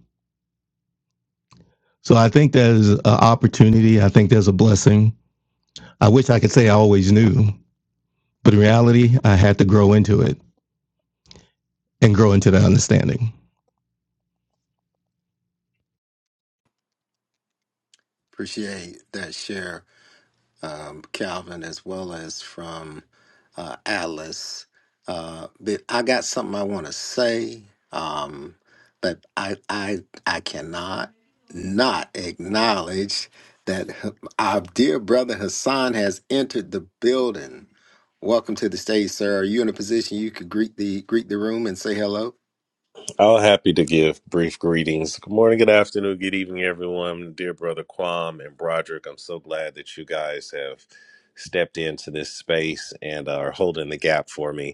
S4: So I think there's an opportunity. I think there's a blessing. I wish I could say I always knew, but in reality, I had to grow into it and grow into that understanding.
S3: Appreciate that share. um, Calvin as well as from uh, Alice. Uh, but I got something I want to say, um, but I I I cannot not acknowledge that h- our dear brother Hassan has entered the building. Welcome to the stage, sir. Are you in a position you could greet the greet the room and say hello?
S7: I'll happy to give brief greetings. Good morning, good afternoon, good evening, everyone. Dear brother Quam and Broderick, I'm so glad that you guys have stepped into this space and are holding the gap for me.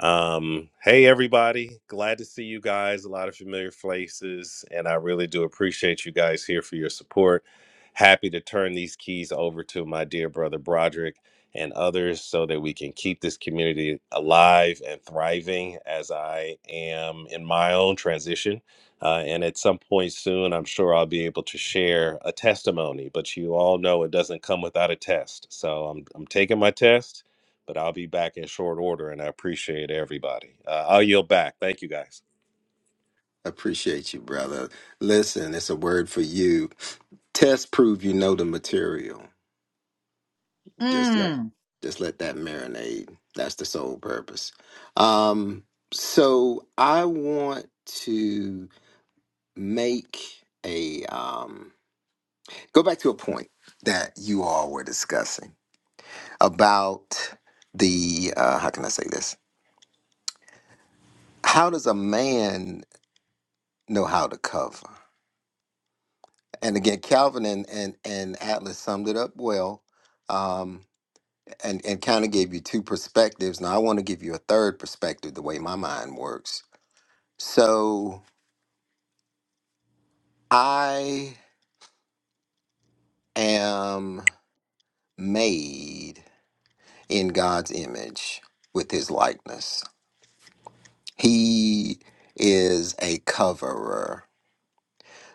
S7: Um, hey, everybody. Glad to see you guys. A lot of familiar faces. And I really do appreciate you guys here for your support. Happy to turn these keys over to my dear brother Broderick and others so that we can keep this community alive and thriving as I am in my own transition. Uh, and at some point soon, I'm sure I'll be able to share a testimony, but you all know it doesn't come without a test. So I'm, I'm taking my test but I'll be back in short order, and I appreciate everybody. Uh, I'll yield back. Thank you, guys.
S3: Appreciate you, brother. Listen, it's a word for you. Test prove you know the material. Just let
S1: Mm.
S3: just let that marinade. That's the sole purpose. Um, so I want to make a um, go back to a point that you all were discussing about the uh, how can I say this? How does a man know how to cover? And again, Calvin and and, and Atlas summed it up well. Um, and, and kind of gave you two perspectives. Now I want to give you a third perspective, the way my mind works So I am made in God's image with his likeness. He is a coverer.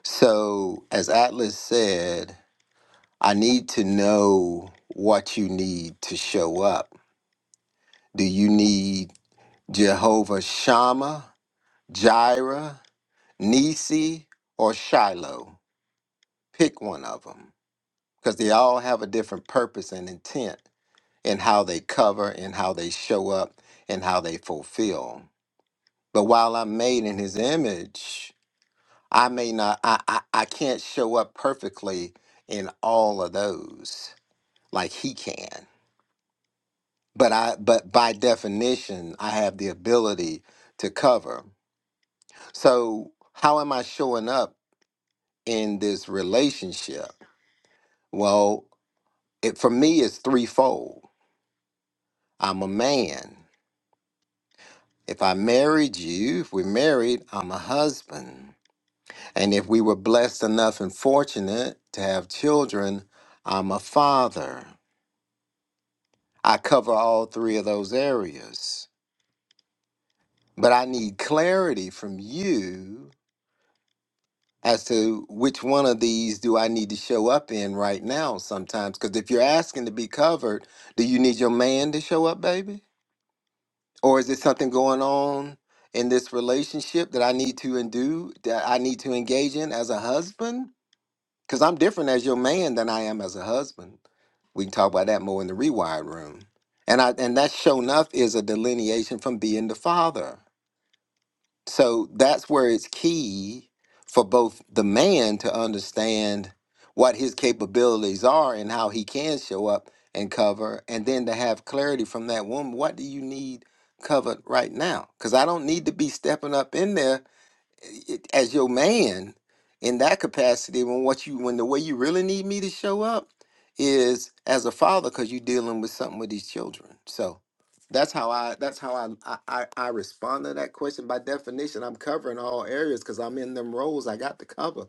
S3: So, as Atlas said, I need to know what you need to show up. Do you need Jehovah Shammah, Jireh, Nisi, or Shiloh? Pick one of them because they all have a different purpose and intent in how they cover, in how they show up, and how they fulfill. But while I'm made in his image, I may not I, I, I can't show up perfectly in all of those like he can. But I but by definition, I have the ability to cover. So how am I showing up in this relationship? Well, it for me it's threefold. I'm a man. If I married you, if we're married, I'm a husband. And if we were blessed enough and fortunate to have children, I'm a father. I cover all three of those areas. But I need clarity from you as to which one of these do I need to show up in right now sometimes. Because if you're asking to be covered, do you need your man to show up, baby? Or is it something going on in this relationship that I need to and do, that I need to engage in as a husband? Because I'm different as your man than I am as a husband. We can talk about that more in the rewired room. And I and that show enough is a delineation from being the father. So that's where it's key for both the man to understand what his capabilities are and how he can show up and cover, and then to have clarity from that woman. What do you need covered right now? Because I don't need to be stepping up in there it- as your man in that capacity when what you when the way you really need me to show up is as a father because you're dealing with something with these children so that's how i that's how i i, I I respond to that question by definition i'm covering all areas because i'm in them roles i got to cover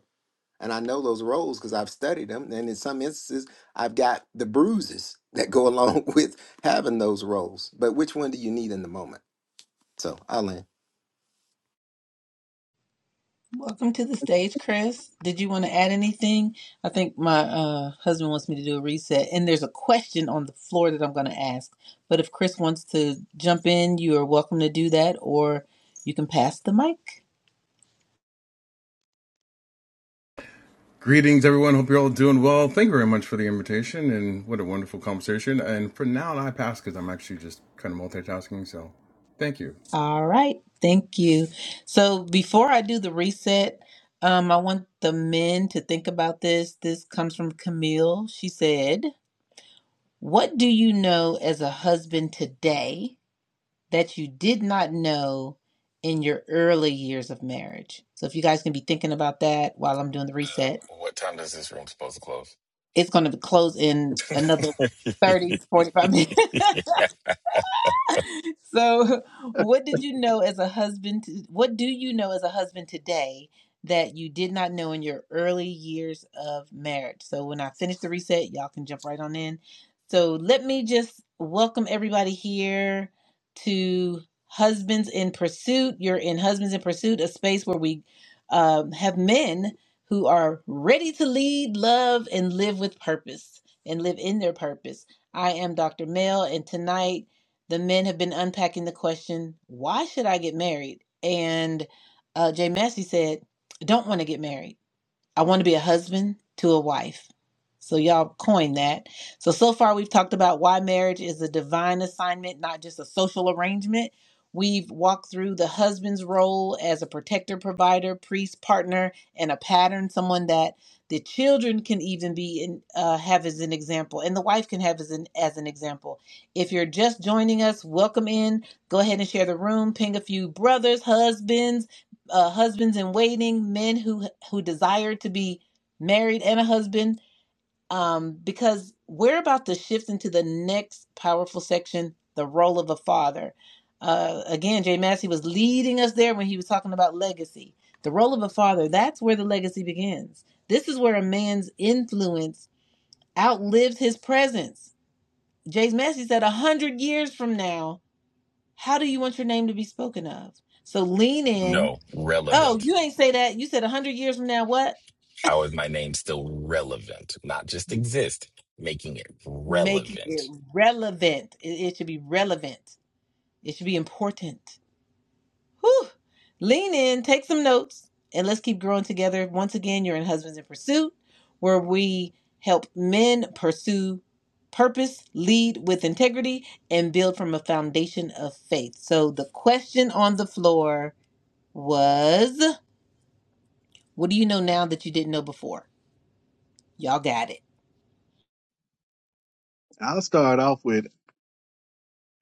S3: and i know those roles because i've studied them and in some instances i've got the bruises that go along with having those roles but which one do you need in the moment so i
S1: Welcome to the stage, Chris. Did you want to add anything? I think my uh, husband wants me to do a reset, and there's a question on the floor that I'm going to ask. But if Chris wants to jump in, you are welcome to do that, or you can pass the mic.
S8: Greetings, everyone. Hope you're all doing well. Thank you very much for the invitation, and what a wonderful conversation. And for now, I pass because I'm actually just kind of multitasking. So, thank you.
S1: All right. Thank you. So before I do the reset, um, I want the men to think about this. This comes from Camille. She said, What do you know as a husband today that you did not know in your early years of marriage? So if you guys can be thinking about that while I'm doing the
S6: Uh,
S1: reset,
S6: what time does this room supposed to close?
S1: it's going to close in another 30, 45 minutes. So,
S2: ahead.
S1: what did you know as a husband? To, what do you know as a husband today that you did not know in your early years of marriage? So, when I finish the reset, y'all can jump right on in. So, let me just welcome everybody here to Husbands in Pursuit. You're in Husbands in Pursuit, a space where we um, have men who are ready to lead, love, and live with purpose and live in their purpose. I am Dr. Mel, and tonight the men have been unpacking the question, why should I get married? And uh, Jay Massey said, don't want to get married. I want to be a husband to a wife. So y'all coined that. So so far we've talked about why marriage is a divine assignment, not just a social arrangement. We've walked through the husband's role as a protector, provider, priest, partner, and a pattern, someone that the children can even be in, uh, have as an example, and the wife can have as an as an example. If you're just joining us, welcome in. Go ahead and share the room. Ping a few brothers, husbands, uh, husbands in waiting, men who who desire to be married and a husband, um, because we're about to shift into the next powerful section, the role of a father. Uh, again, Jay Massey was leading us there when he was talking about legacy. The role of a father, that's where the legacy begins. This is where a man's influence outlives his presence. Jay Massey said, a hundred years from now, how do you want your name to be spoken of? So lean in,
S6: no,
S1: Oh,
S6: relevant.
S1: you ain't say that. You said a hundred years from now. What?
S6: How is my name still relevant? Not just exist, making it
S1: Making it
S6: relevant.
S1: relevant. It, it should be relevant. It should be important. Whew. Lean in, take some notes, and let's keep growing together. Once again, you're in Husbands in Pursuit, where we help men pursue purpose, lead with integrity, and build from a foundation of faith. So the question on the floor was, "What do you know now that you didn't know before?" Y'all got it.
S2: I'll start off with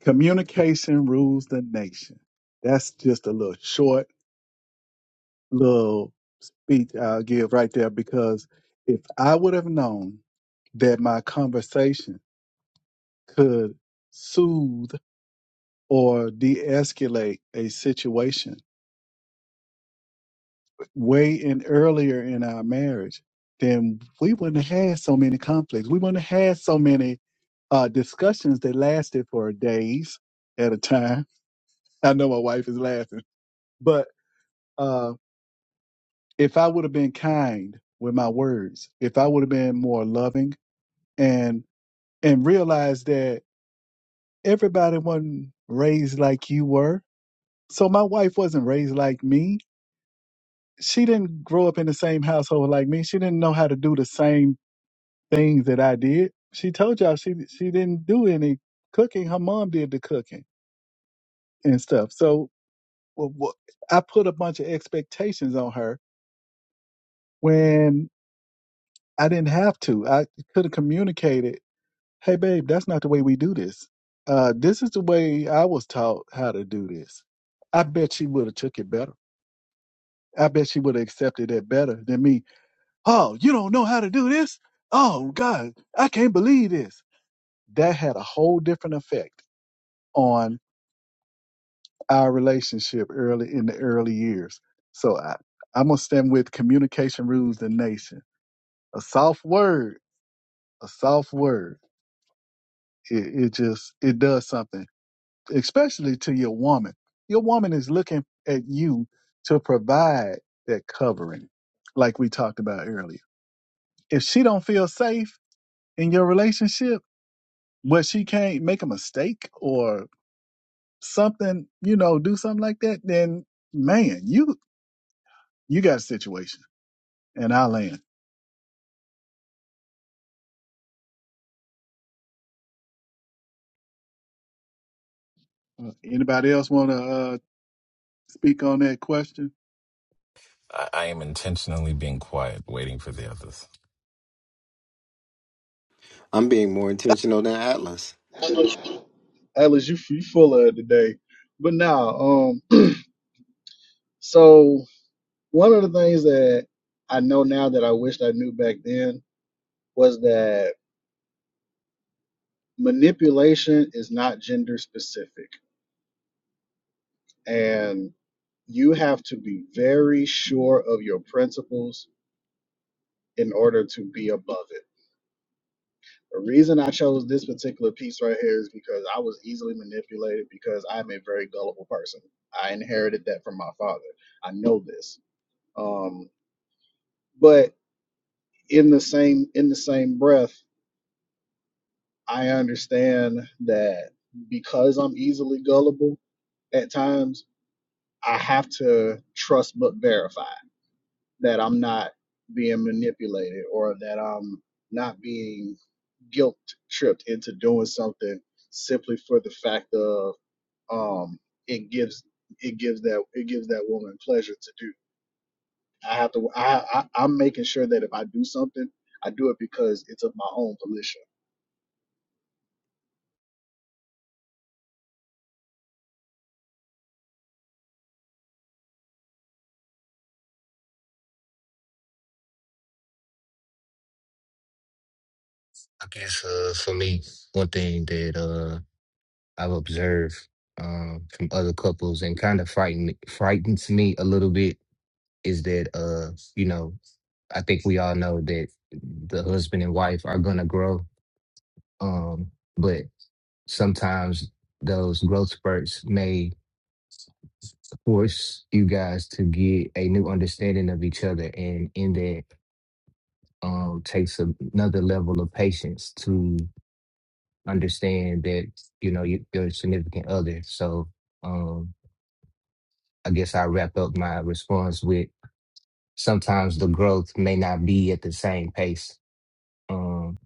S2: communication rules the nation. That's just a little short little speech I'll give right there because if I would have known that my conversation could soothe or de escalate a situation way in earlier in our marriage, then we wouldn't have had so many conflicts. We wouldn't have had so many uh, discussions that lasted for days at a time. I know my wife is laughing, but uh, if I would have been kind with my words, if I would have been more loving, and and realized that everybody wasn't raised like you were, so my wife wasn't raised like me. She didn't grow up in the same household like me. She didn't know how to do the same things that I did. She told y'all she she didn't do any cooking. Her mom did the cooking and stuff. So wh- wh- I put a bunch of expectations on her when I didn't have to. I could have communicated, "Hey, babe, that's not the way we do this. Uh, this is the way I was taught how to do this." I bet she would have took it better. I bet she would have accepted it better than me. Oh, you don't know how to do this? Oh God, I can't believe this. That had a whole different effect on our relationship early in the early years. So I, I'm gonna stand with communication rules the nation. A soft word, a soft word, it, it just it does something, especially to your woman. Your woman is looking at you to provide that covering, like we talked about earlier. If she don't feel safe in your relationship, where she can't make a mistake or something, you know, do something like that, then man, you you got a situation and I land. Uh, anybody else want to uh, speak on that question?
S6: I, I am intentionally being quiet, waiting for the others.
S3: i'm being more intentional than atlas
S9: Atlas, Atlas, you you full of it today. But now, um, so one of the things that I know now that I wished I knew back then was that manipulation is not gender specific, and you have to be very sure of your principles in order to be above it. The reason I chose this particular piece right here is because I was easily manipulated because I'm a very gullible person. I inherited that from my father. I know this. Um, but in the same in the same breath i understand that because i'm easily gullible at times i have to trust but verify that i'm not being manipulated or that i'm not being guilt tripped into doing something simply for the fact of um it gives it gives that it gives that woman pleasure to do i have to i, I i'm making sure that if i do something i do it because it's of my own volition
S5: I guess uh, for me, one thing that uh, I've observed um, from other couples and kind of frighten frightens me a little bit is that uh, you know I think we all know that the husband and wife are gonna grow, um, but sometimes those growth spurts may force you guys to get a new understanding of each other, and in that. um, takes a- another level of patience to understand that you know you, your significant other. So um, I guess I wrap up my response with sometimes the growth may not be at the same pace, um,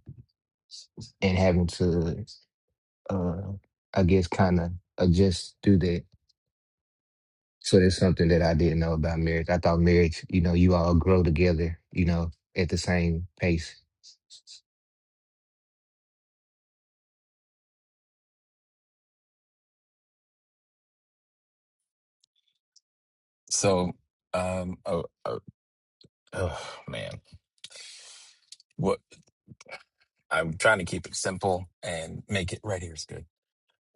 S5: and having to uh, I guess kind of adjust through that. So that's something that I didn't know about marriage. I thought marriage, you know, you all grow together, you know, at the same pace.
S6: So, um, oh, oh, oh man, what? I'm trying to keep it simple and make it right here is good.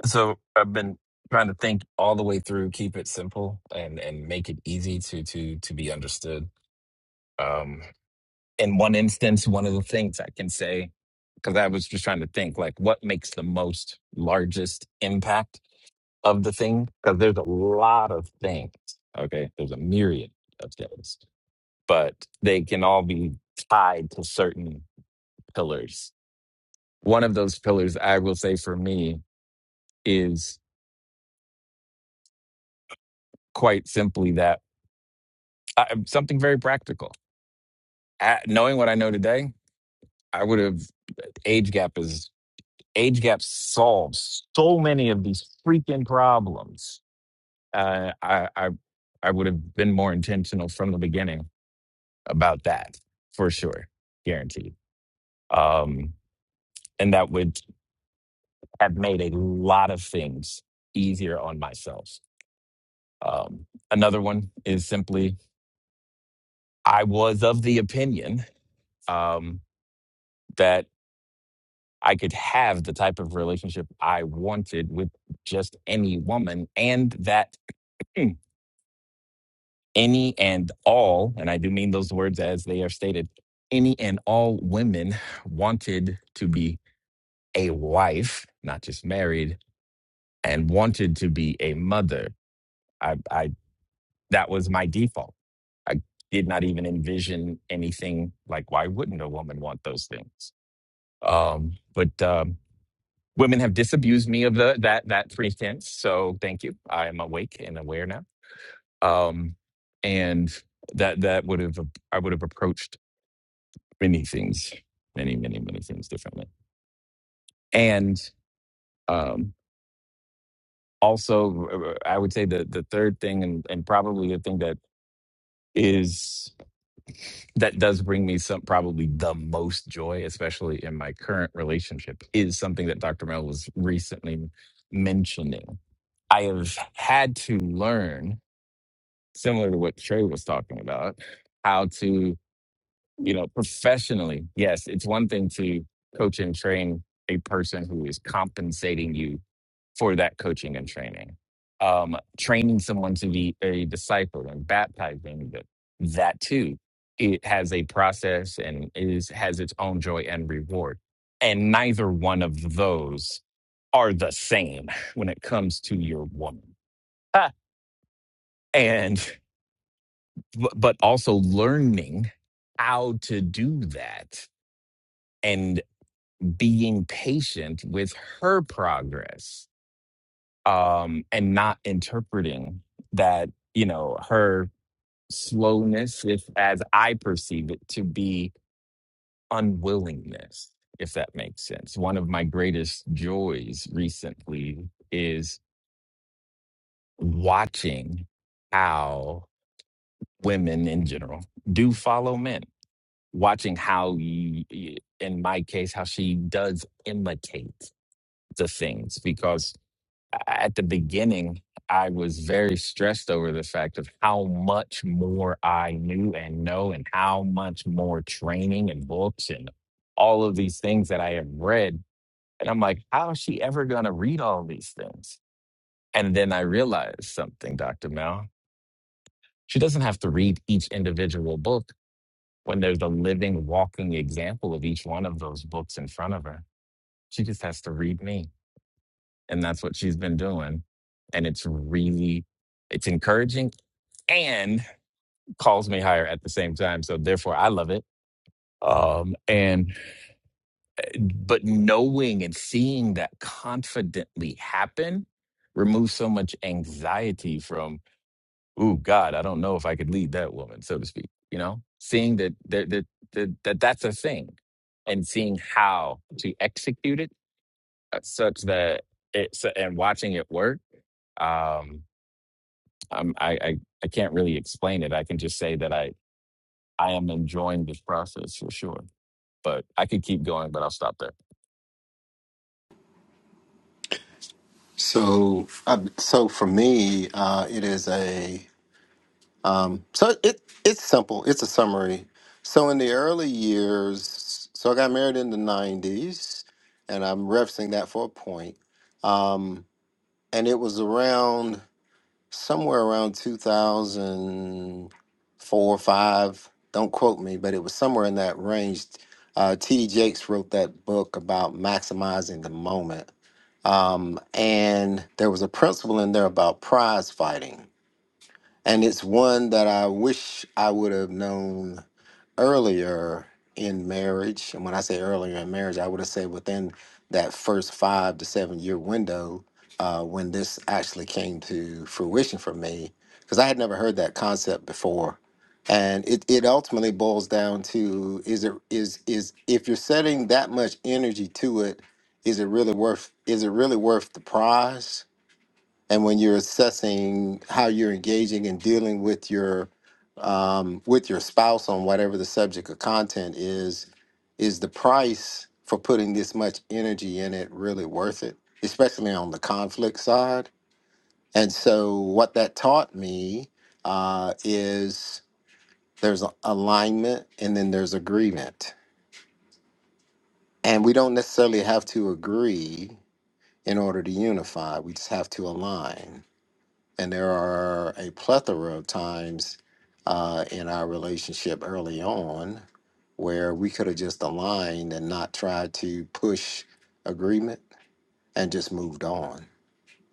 S6: So I've been trying to think all the way through, keep it simple and and make it easy to to to be understood. Um, in one instance, one of the things I can say, because I was just trying to think like what makes the most largest impact of the thing, because there's a lot of things. Okay, there's a myriad of things, but they can all be tied to certain pillars. One of those pillars, I will say for me, is quite simply that I, something very practical. A knowing what I know today, I would have age gap is age gap solves so many of these freaking problems. Uh, I, I I would have been more intentional from the beginning about that for sure, guaranteed. Um, and that would have made a lot of things easier on myself. Um, another one is simply I was of the opinion um, that I could have the type of relationship I wanted with just any woman, and that hmm, any and all, and I do mean those words as they are stated, any and all women wanted to be a wife, not just married, and wanted to be a mother. I, I that was my default. I did not even envision anything like why wouldn't a woman want those things? Um, but um, women have disabused me of the that that pretense. So thank you. I am awake and aware now. Um, and that that would have I would have approached many things, many many many things differently. And um, also, uh, I would say the the third thing, and and probably the thing that is that does bring me some probably the most joy, especially in my current relationship, is something that Dr. Mel was recently mentioning. I have had to learn similar to what Trey was talking about, how to, you know, professionally, yes, it's one thing to coach and train a person who is compensating you for that coaching and training. Um, training someone to be a disciple and baptizing that that too. It has a process and is has its own joy and reward. And neither one of those are the same when it comes to your woman. Ah. And bu- but also learning how to do that and being patient with her progress um and not interpreting that you know her slowness if as i perceive it to be unwillingness if that makes sense one of my greatest joys recently is watching how women in general do follow men watching how y in my case how she does imitate the things because at the beginning i was very stressed over the fact of how much more i knew and know and how much more training and books and all of these things that i have read and i'm like how is she ever going to read all these things and then i realized something dr mel she doesn't have to read each individual book when there's a living, walking example of each one of those books in front of her. She just has to read me. And that's what she's been doing. And it's really, it's encouraging and calls me higher at the same time. So therefore I love it. Um, and, but knowing and seeing that confidently happen removes so much anxiety from. ooh, God, I don't know if I could lead that woman, so to speak. You know, seeing that that that, that, that that's a thing, and seeing how to execute it uh, such that it's and watching it work. Um, I'm, I, I I can't really explain it. I can just say that I I am enjoying this process for sure. But I could keep going, but I'll stop there.
S3: So, um, so for me, uh, it is a um, so it it's simple. It's a summary. So in the early years, so I got married in the '90s, and I'm referencing that for a point. Um, and it was around somewhere around 2004 or 5 don't quote me but it was somewhere in that range uh, td jakes wrote that book about maximizing the moment um, and there was a principle in there about prize fighting and it's one that i wish i would have known earlier in marriage, and when I say earlier in marriage, I would have said within that first five to seven year window uh, when this actually came to fruition for me, because I had never heard that concept before. And it, it ultimately boils down to is it is is if you're setting that much energy to it, is it really worth is it really worth the prize? and when you're assessing how you're engaging and dealing with your um, with your spouse on whatever the subject of content is is the price for putting this much energy in it really worth it especially on the conflict side and so what that taught me uh, is there's a- alignment and then there's agreement and we don't necessarily have to agree in order to unify we just have to align And there are a plethora of times uh, in our relationship early on where we could have just aligned and not tried to push agreement and just moved on.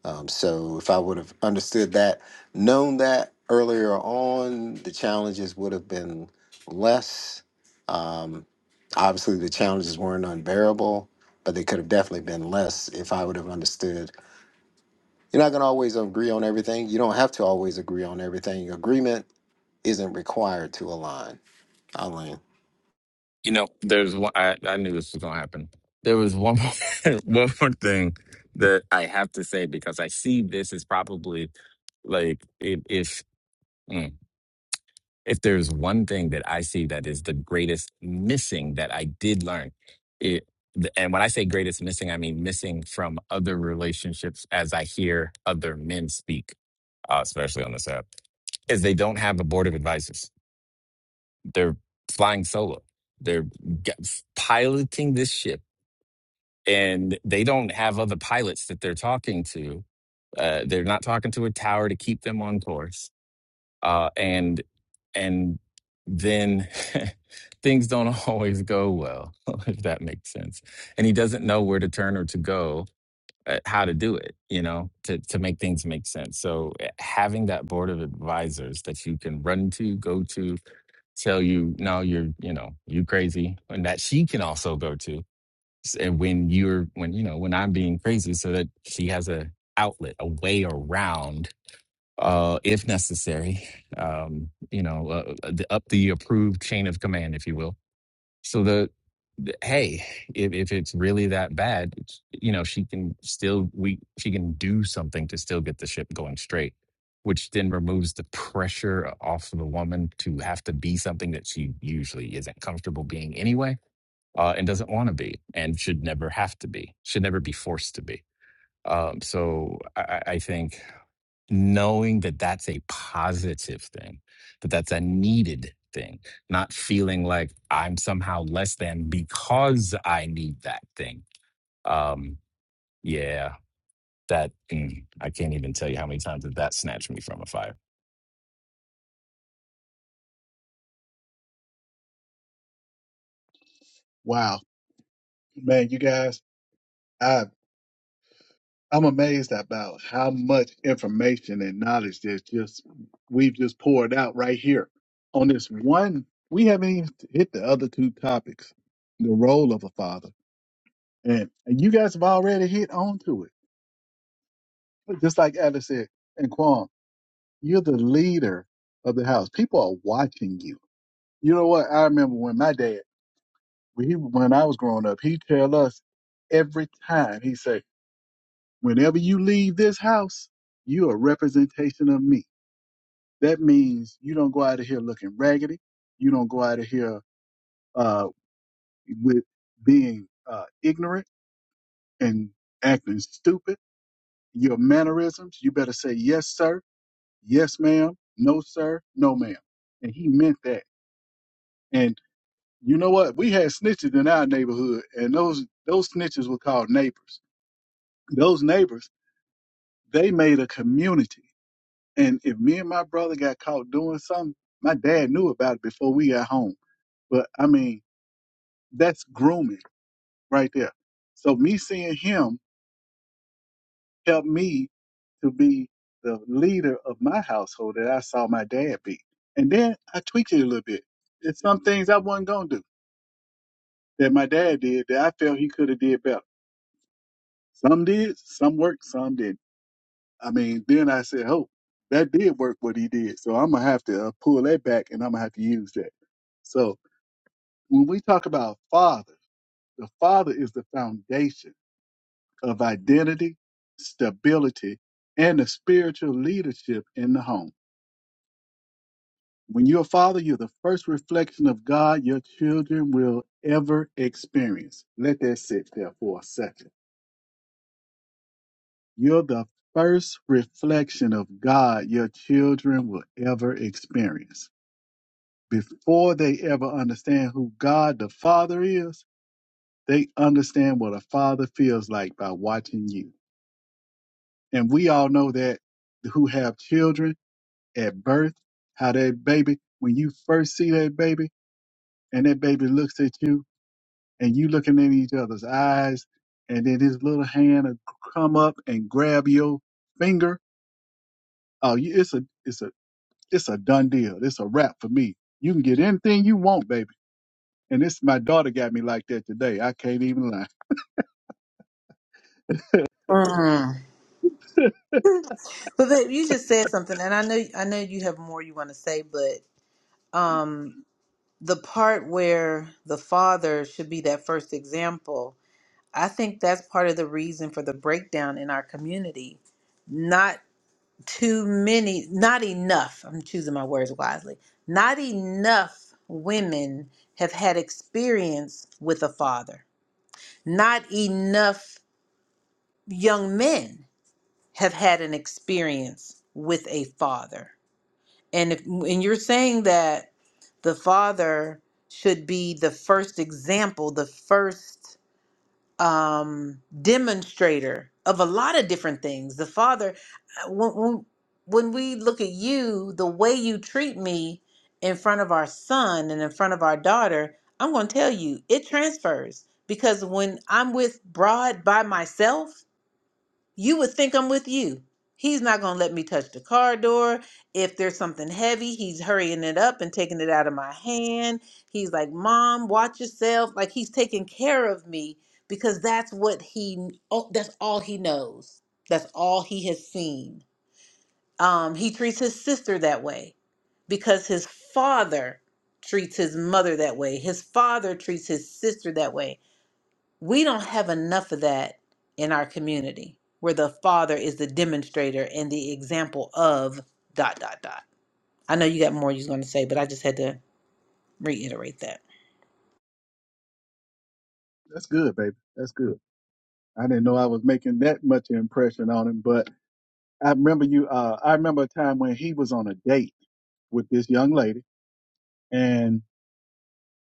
S3: Um, so if I would have understood that, known that earlier on, the challenges would have been less. Um, obviously, the challenges weren't unbearable, but they could have definitely been less if I would have understood you're not going to always agree on everything. You don't have to always agree on everything. Agreement isn't required to align. Eileen.
S6: You know, there's one. I, I knew this was gonna happen. There was one more, one more thing that I have to say because I see this is probably like if if mm, if there's one thing that I see that is the greatest missing that I did learn it. th- And when I say greatest missing, I mean missing from other relationships as I hear other men speak, uh, especially on this app, is they don't have a board of advisors. They're flying solo. They're g- piloting this ship and they don't have other pilots that they're talking to. Uh, they're not talking to a tower to keep them on course. Uh, and and then things don't always go well, if that makes sense. And he doesn't know where to turn or to go, uh, how to do it, you know, to to make things make sense. So uh, having that board of advisors that you can run to, go to, tell you, no, you're, you know, you crazy, and that she can also go to and when you're when you know when i'm being crazy so that she has a outlet a way around uh if necessary um you know uh, uh, the, up the approved chain of command if you will so the, the hey if, if it's really that bad it's- you know she can still we she can do something to still get the ship going straight which then removes the pressure off of the woman to have to be something that she usually isn't comfortable being anyway uh, and doesn't want to be and should never have to be, should never be forced to be. Um, so I, I think knowing that that's a positive thing, that that's a needed thing, not feeling like I'm somehow less than because I need that thing. Um, yeah, that mm, I can't even tell you how many times that that snatched me from a fire.
S2: Wow, man, you guys, I I'm amazed about how much information and knowledge that just we've just poured out right here on this one. We haven't even hit the other two topics, the role of a father, and, and you guys have already hit onto it. Just like Alice said, and Quan, you're the leader of the house. People are watching you. You know what? I remember when my dad we, when I was growing up, he tell us every time, he say, whenever you leave this house, you a representation of me. That means you don't go out of here looking raggedy. You don't go out of here uh, with being uh, ignorant and acting stupid. Your mannerisms, you better say yes, sir, yes, ma'am, no, sir, no, ma'am. And he meant that. And you know what? We had snitches in our neighborhood, and those those snitches were called neighbors. Those neighbors They made a community. And if me and my brother got caught doing something, my dad knew about it before we got home. But I mean, that's grooming right there. So me seeing him helped me to be the leader of my household that I saw my dad be. And then I tweaked it a little bit. There's some things I wasn't gonna do that my dad did that I felt he could have did better. Some did, some worked, some didn't. I mean, then I said, "Oh, that did work what he did." So I'm gonna have to uh, pull that back, and I'm gonna have to use that. So when we talk about father, the father is the foundation of identity, stability, and the spiritual leadership in the home. When you're a father, you're the first reflection of God your children will ever experience. Let that sit there for a second. You're the first reflection of God your children will ever experience before they ever understand who God the Father is, they understand what a father feels like by watching you. And we all know that who have children at birth, how that baby, when you first see that baby and that baby looks at you and you looking in each other's eyes and then his little hand will come up and grab your finger. Oh, you- it's a, it's a, it's a done deal. It's a wrap for me. You can get anything you want, baby. And this, my daughter got me like that today. I can't even lie.
S1: Mm. But babe, you just said something, and I know I know you have more you want to say, but um, the part where the father should be that first example, I think that's part of the reason for the breakdown in our community. Not too many, not enough. I'm choosing my words wisely. Not enough women have had experience with a father. Not enough young men have had an experience with a father And if and you're saying that the father should be the first example, the first um, demonstrator of a lot of different things. The father, uh, when, when when we look at you, the way you treat me in front of our son and in front of our daughter, I'm going to tell you it transfers because when I'm with Broad by myself you would think I'm with you. He's not going to let me touch the car door. If there's something heavy, he's hurrying it up and taking it out of my hand. He's like, "Mom, watch yourself." Like he's taking care of me because that's what he oh, that's all he knows. That's all he has seen. Um, he treats his sister that way because his father treats his mother that way. His father treats his sister that way we don't have enough of that in our community where the father is the demonstrator and the example of dot dot dot i know you got more you are going to say but i just had to reiterate that
S2: That's good, baby. That's good. I didn't know I was making that much impression on him, but I remember you. Uh, I remember a time when he was on a date with this young lady, and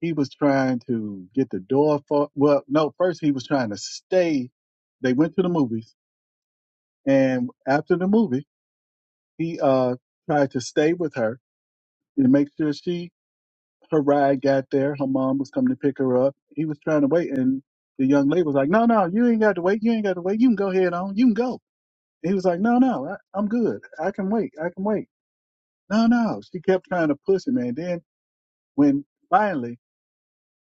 S2: he was trying to get the door for. Well, no, first he was trying to stay. They went to the movies, and after the movie, he uh tried to stay with her and make sure she her ride got there. Her mom was coming to pick her up. He was trying to wait, and the young lady was like, "No, no, you ain't got to wait. You ain't got to wait. You can go ahead on. You can go." And he was like, "No, no, I, I'm good. I can wait. I can wait." No, no. She kept trying to push him, and then when finally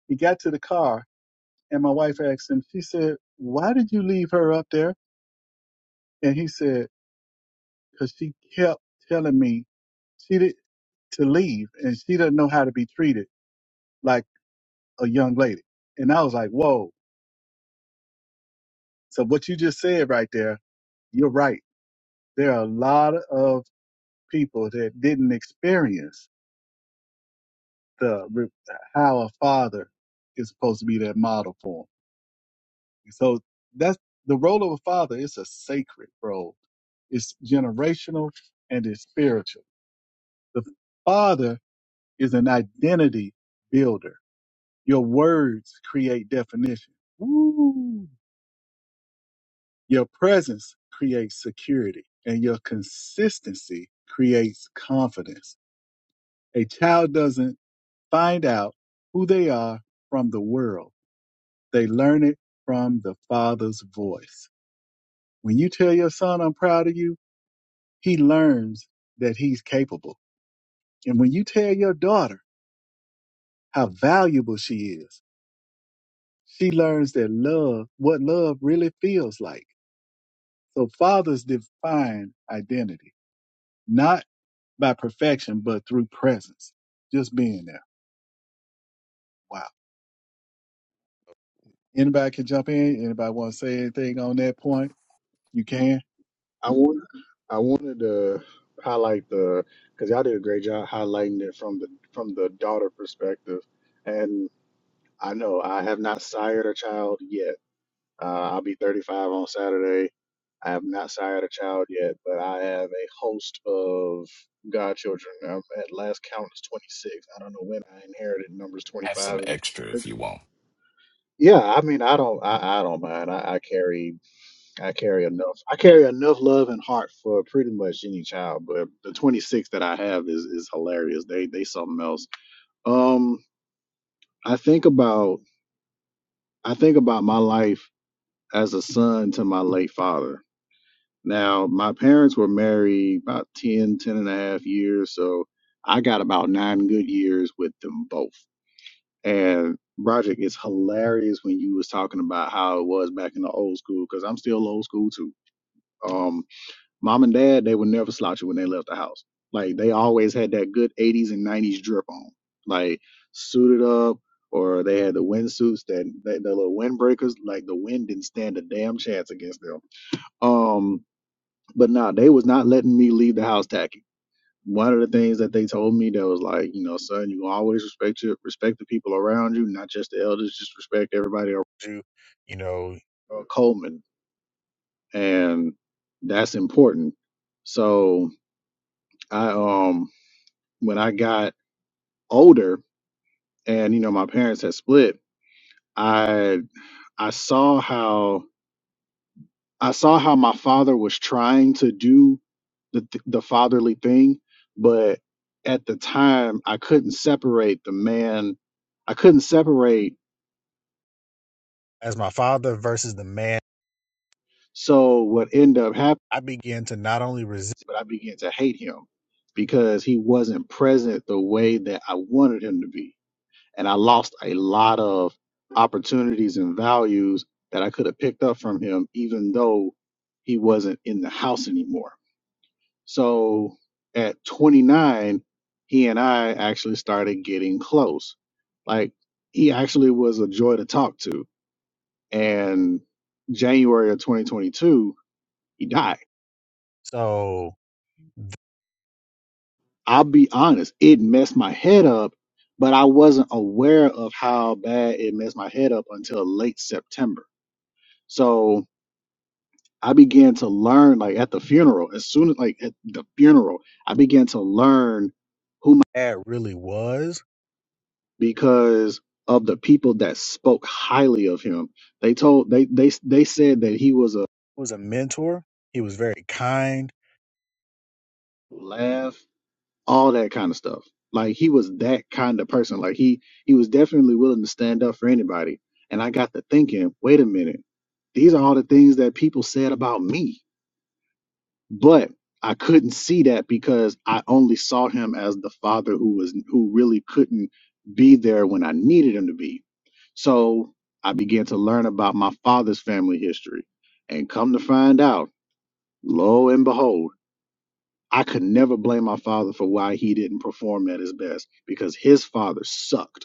S2: he got to the car, and my wife asked him, she said, "Why did you leave her up there?" And he said, "Cause she kept telling me she did to leave, and she doesn't know how to be treated like a young lady." And I was like, "Whoa." So what you just said right there, you're right. There are a lot of people that didn't experience the re- how a father is supposed to be that model for 'em. So that's the role of a father It's a sacred role. It's generational and it's spiritual. The father is an identity builder. Your words create definition. Woo! Your presence creates security and your consistency creates confidence. A child doesn't find out who they are from the world. They learn it from the father's voice. When you tell your son, I'm proud of you, he learns that he's capable. And when you tell your daughter how valuable she is, she learns that love, what love really feels like. So fathers define identity, not by perfection, but through presence, just being there. Wow. Anybody can jump in. Anybody want to say anything on that point? You can.
S9: I want I wanted to highlight the because y'all did a great job highlighting it from the from the daughter perspective, and I know I have not sired a child yet. Uh, I'll be 35 on Saturday. I have not sired a child yet, but I have a host of godchildren. Um at last count is 26. I don't know when I inherited numbers
S6: I have
S9: 25
S6: some
S9: and
S6: extra if
S9: 26.
S6: you want.
S9: Yeah, I mean, I don't, I, I don't mind. I, I carry I carry enough. I carry enough love and heart for pretty much any child, but the 26 that I have is is hilarious. They they something else. Um, I think about I think about my life as a son to my late father. Now, my parents were married about 10 10 and a half years, so I got about nine good years with them both. And Broderick, it's hilarious when you was talking about how it was back in the old school, because I'm still old school too. Um, Mom and dad, they would never slouchy when they left the house. Like they always had that good 80s and 90s drip on, like suited up, or they had the windsuits that, that the little windbreakers. Like the wind didn't stand a damn chance against them. Um, but nah, they was not letting me leave the house tacky. One of the things that they told me that was like, you know, son, you always respect your respect the people around you, not just the elders. Just respect everybody around you. You know, uh, Coleman, and that's important. So I um when I got older and you know my parents had split, I I saw how I saw how my father was trying to do the th- the fatherly thing, but at the time I couldn't separate the man. I couldn't separate. As my father versus the man, So what ended up happening, I began to not only resist but I began to hate him because he wasn't present the way that I wanted him to be. and I lost a lot of opportunities and values that I could have picked up from him, even though he wasn't in the house anymore. So at 29, he and I actually started getting close. Like he actually was a joy to talk to. And January of 2022, he died. So I'll be honest, it messed my head up, but I wasn't aware of how bad it messed my head up until late September So I began to learn, like at the funeral, as soon as like at the funeral, I began to learn who my dad really was because of the people that spoke highly of him. They told they they they said that he was a was a mentor. He was very kind, laugh, all that kind of stuff. Like he was that kind of person. Like he he was definitely willing to stand up for anybody. And I got to thinking, wait a minute, these are all the things that people said about me but I couldn't see that because I only saw him as the father who was who really couldn't be there when I needed him to be. So I began to learn about my father's family history and come to find out, lo and behold, I could never blame my father for why he didn't perform at his best because his father sucked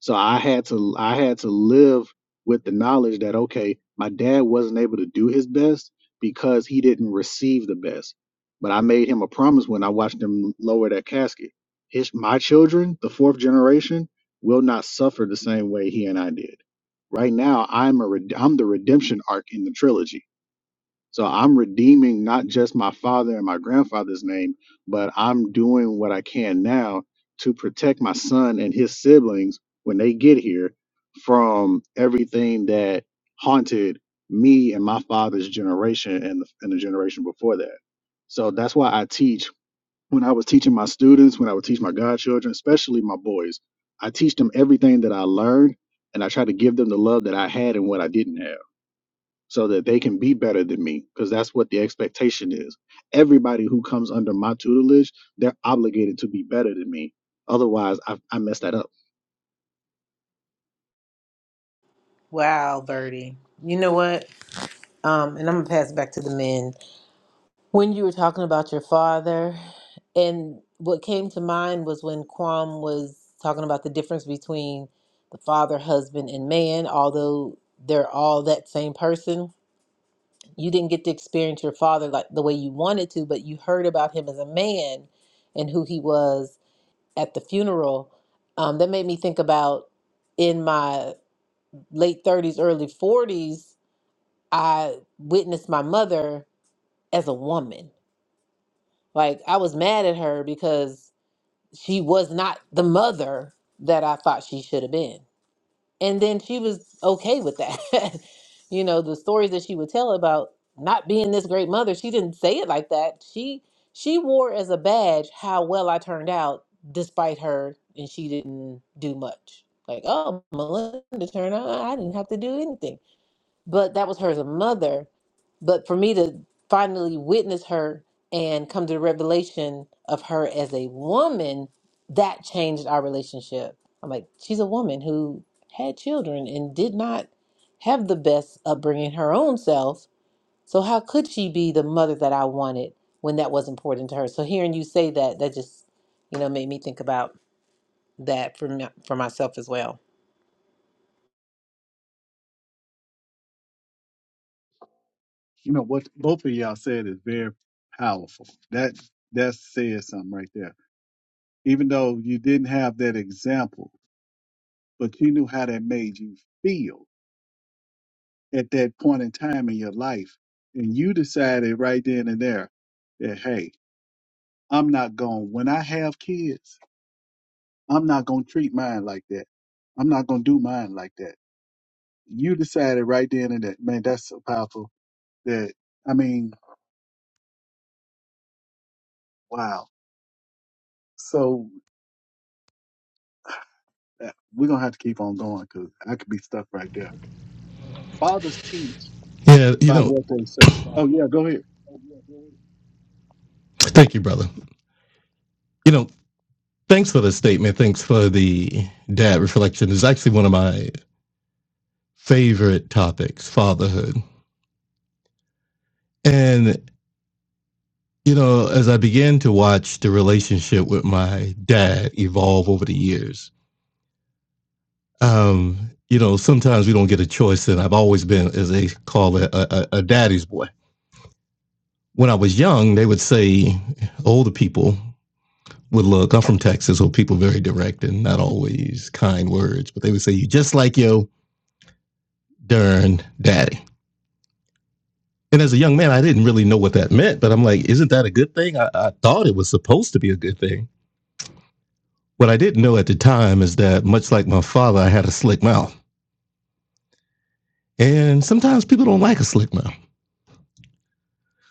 S9: so I had to I had to live with the knowledge that okay, my dad wasn't able to do his best because he didn't receive the best. But I made him a promise when I watched him lower that casket. His my children, the fourth generation, will not suffer the same way he and I did. Right now, I'm a red- I'm the redemption arc in the trilogy so I'm redeeming not just my father and my grandfather's name, but I'm doing what I can now to protect my son and his siblings when they get here from everything that haunted me and my father's generation and the, and the generation before that. So that's why I teach when I was teaching my students, when I would teach my godchildren, especially my boys, I teach them everything that I learned and I try to give them the love that I had and what I didn't have so that they can be better than me because that's what the expectation is everybody who comes under my tutelage they're obligated to be better than me otherwise i, I mess that up
S1: wow Birdie, you know what um and i'm gonna pass it back to the men when you were talking about your father and what came to mind was when Kwam was talking about the difference between the father husband and man although they're all that same person you didn't get to experience your father like the way you wanted to, but you heard about him as a man and who he was at the funeral. Um, that made me think about in my late 30s, early 40s, I witnessed my mother as a woman. Like I was mad at her because she was not the mother that I thought she should have been and then she was okay with that you know the stories that she would tell about not being this great mother she didn't say it like that she she wore as a badge how well i turned out despite her and she didn't do much like oh melinda turned out i didn't have to do anything but that was her as a mother. But for me to finally witness her and come to the revelation of her as a woman, that changed our relationship. I'm like, she's a woman who had children and did not have the best upbringing her own self. So how could she be the mother that I wanted when that was important to her? So hearing you say that, that just, you know, made me think about that for me, for myself as well.
S2: You know what both of y'all said is very powerful. That that says something right there. Even though you didn't have that example, but you knew how that made you feel at that point in time in your life, and you decided right then and there that hey, I'm not going. When I have kids, I'm not going to treat mine like that. I'm not going to do mine like that. you decided right then and that, man, that's so powerful that, I mean, wow. So uh, we're going to have to keep on going because I could be stuck right there. Fathers teach
S4: Yeah, you
S2: by
S4: know,
S2: what they say. Oh, yeah, go ahead.
S4: thank you, brother. You know, thanks for the statement. Thanks for the dad reflection. It's actually one of my favorite topics, fatherhood. And You know, as I began to watch the relationship with my dad evolve over the years, um, you know, sometimes we don't get a choice. And I've always been, as they call it, a, a, a daddy's boy. When I was young, they would say older people would look. I'm from Texas, so people very direct and not always kind words, but they would say, "You just like your darn daddy." And as a young man, I didn't really know what that meant, but I'm like, "Isn't that a good thing?" I, I thought it was supposed to be a good thing What I didn't know at the time is that, much like my father, I had a slick mouth. And sometimes people don't like a slick mouth.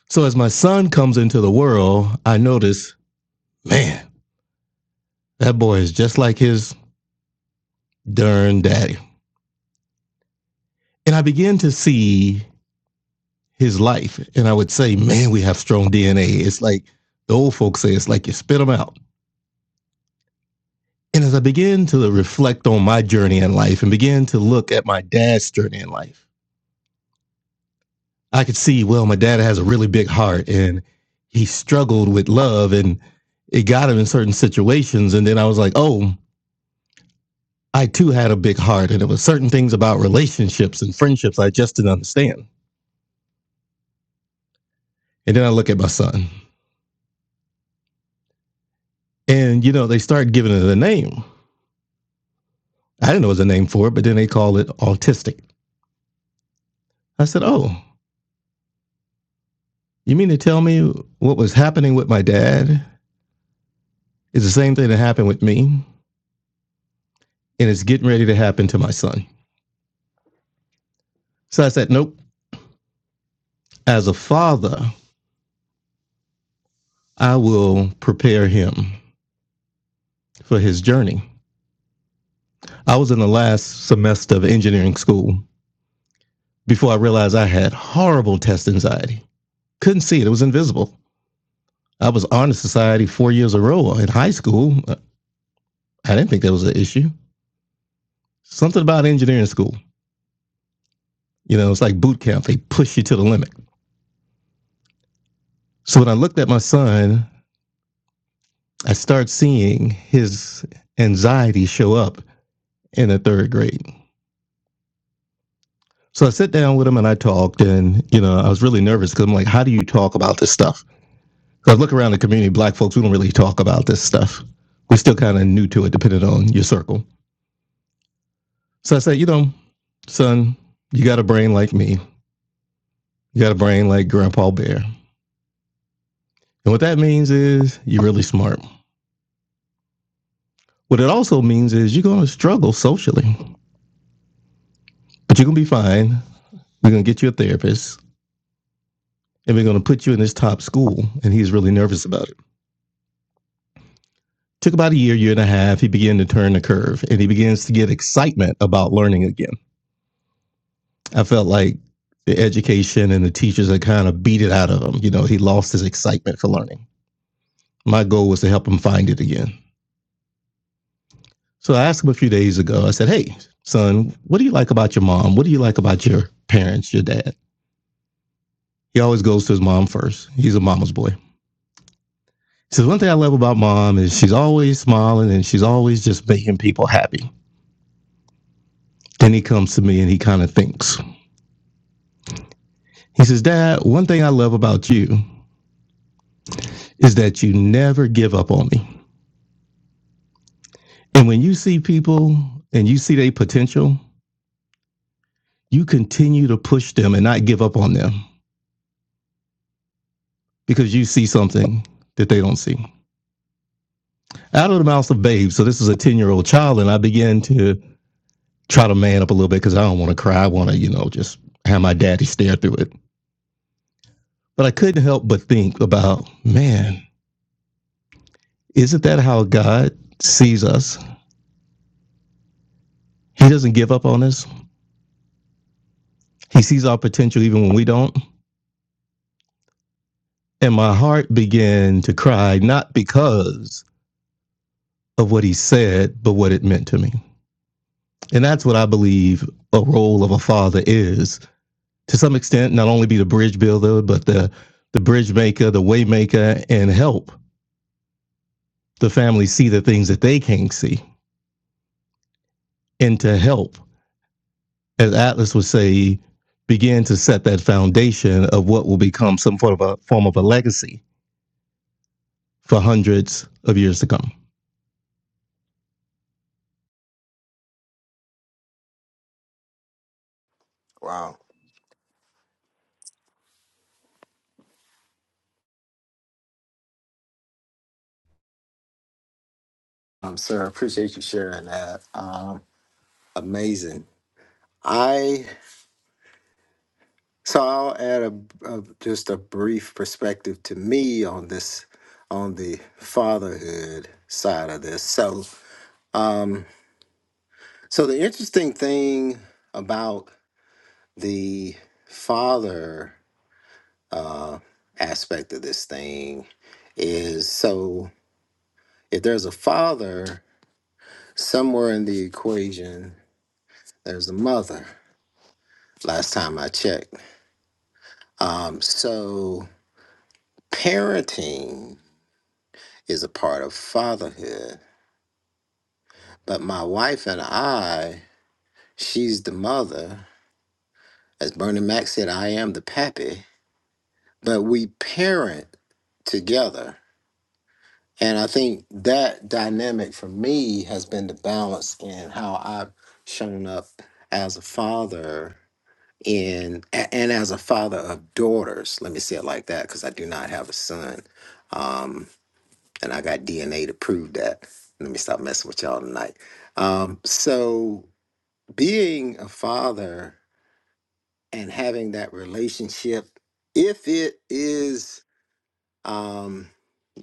S4: So as my son comes into the world, I notice, man, that boy is just like his darn daddy. And I begin to see his life. And I would say, man, we have strong DNA. It's like the old folks say, it's like you spit them out. And as I begin to reflect on my journey in life and begin to look at my dad's journey in life, I could see, well, my dad has a really big heart and he struggled with love and it got him in certain situations. And then I was like, oh, I too had a big heart. And there was certain things about relationships and friendships I just didn't understand. And then I look at my son and, you know, they start giving it a name. I didn't know it was a name for it, but then they call it autistic. I said, oh, you mean to tell me what was happening with my dad is the same thing that happened with me and it's getting ready to happen to my son? So I said, nope. As a father, I will prepare him for his journey. I was in the last semester of engineering school before I realized I had horrible test anxiety. Couldn't see it, it was invisible. I was Honor Society four years in a row in high school. I didn't think that was an issue. Something about engineering school, you know, it's like boot camp, they push you to the limit. So when I looked at my son, I started seeing his anxiety show up in the third grade. So I sit down with him and I talked, and you know, I was really nervous because I'm like, how do you talk about this stuff? 'Cause I look around the community, black folks, we don't really talk about this stuff. We're still kind of new to it, depending on your circle. So I said, you know, son, you got a brain like me. You got a brain like Grandpa Bear. And what that means is you're really smart. What it also means is you're going to struggle socially, but you're going to be fine. We're going to get you a therapist and we're going to put you in this top school. And he's really nervous about it. Took about a year, year and a half. He began to turn the curve and he begins to get excitement about learning again. I felt like the education and the teachers had kind of beat it out of him. You know, he lost his excitement for learning. My goal was to help him find it again. So I asked him a few days ago, I said, Hey, son, what do you like about your mom? What do you like about your parents, your dad? He always goes to his mom first. He's a mama's boy. He says, One thing I love about mom is she's always smiling and she's always just making people happy. Then he comes to me and he kind of thinks He says, Dad, one thing I love about you is that you never give up on me. And when you see people and you see their potential, you continue to push them and not give up on them because you see something that they don't see. Out of the mouths of babes. So this is a 10 year old child. And I began to try to man up a little bit because I don't want to cry. I want to, you know, just have my daddy stare through it. But I couldn't help but think about, man, isn't that how God sees us? He doesn't give up on us. He sees our potential even when we don't. And my heart began to cry, not because of what he said, but what it meant to me. And that's what I believe a role of a father is to some extent, not only be the bridge builder, but the, the bridge maker, the way maker, and help the family see the things that they can't see. And to help, as Atlas would say, begin to set that foundation of what will become some form of a form of a legacy for hundreds of years to come.
S3: Wow. Um, sir, I appreciate you sharing that. Um, amazing. I so I'll add a, a just a brief perspective to me on this on the fatherhood side of this. So, um, so the interesting thing about the father uh, aspect of this thing is so if there's a father somewhere in the equation, there's a mother. Last time I checked. Um, so parenting is a part of fatherhood. But my wife and I, she's the mother. As Bernie Mac said, I am the pappy. But we parent together And I think that dynamic for me has been the balance in how I've shown up as a father in a- and as a father of daughters. Let me say it like that because I do not have a son, um, and I got DNA to prove that. Let me stop messing with y'all tonight. Um, so being a father and having that relationship, if it is um,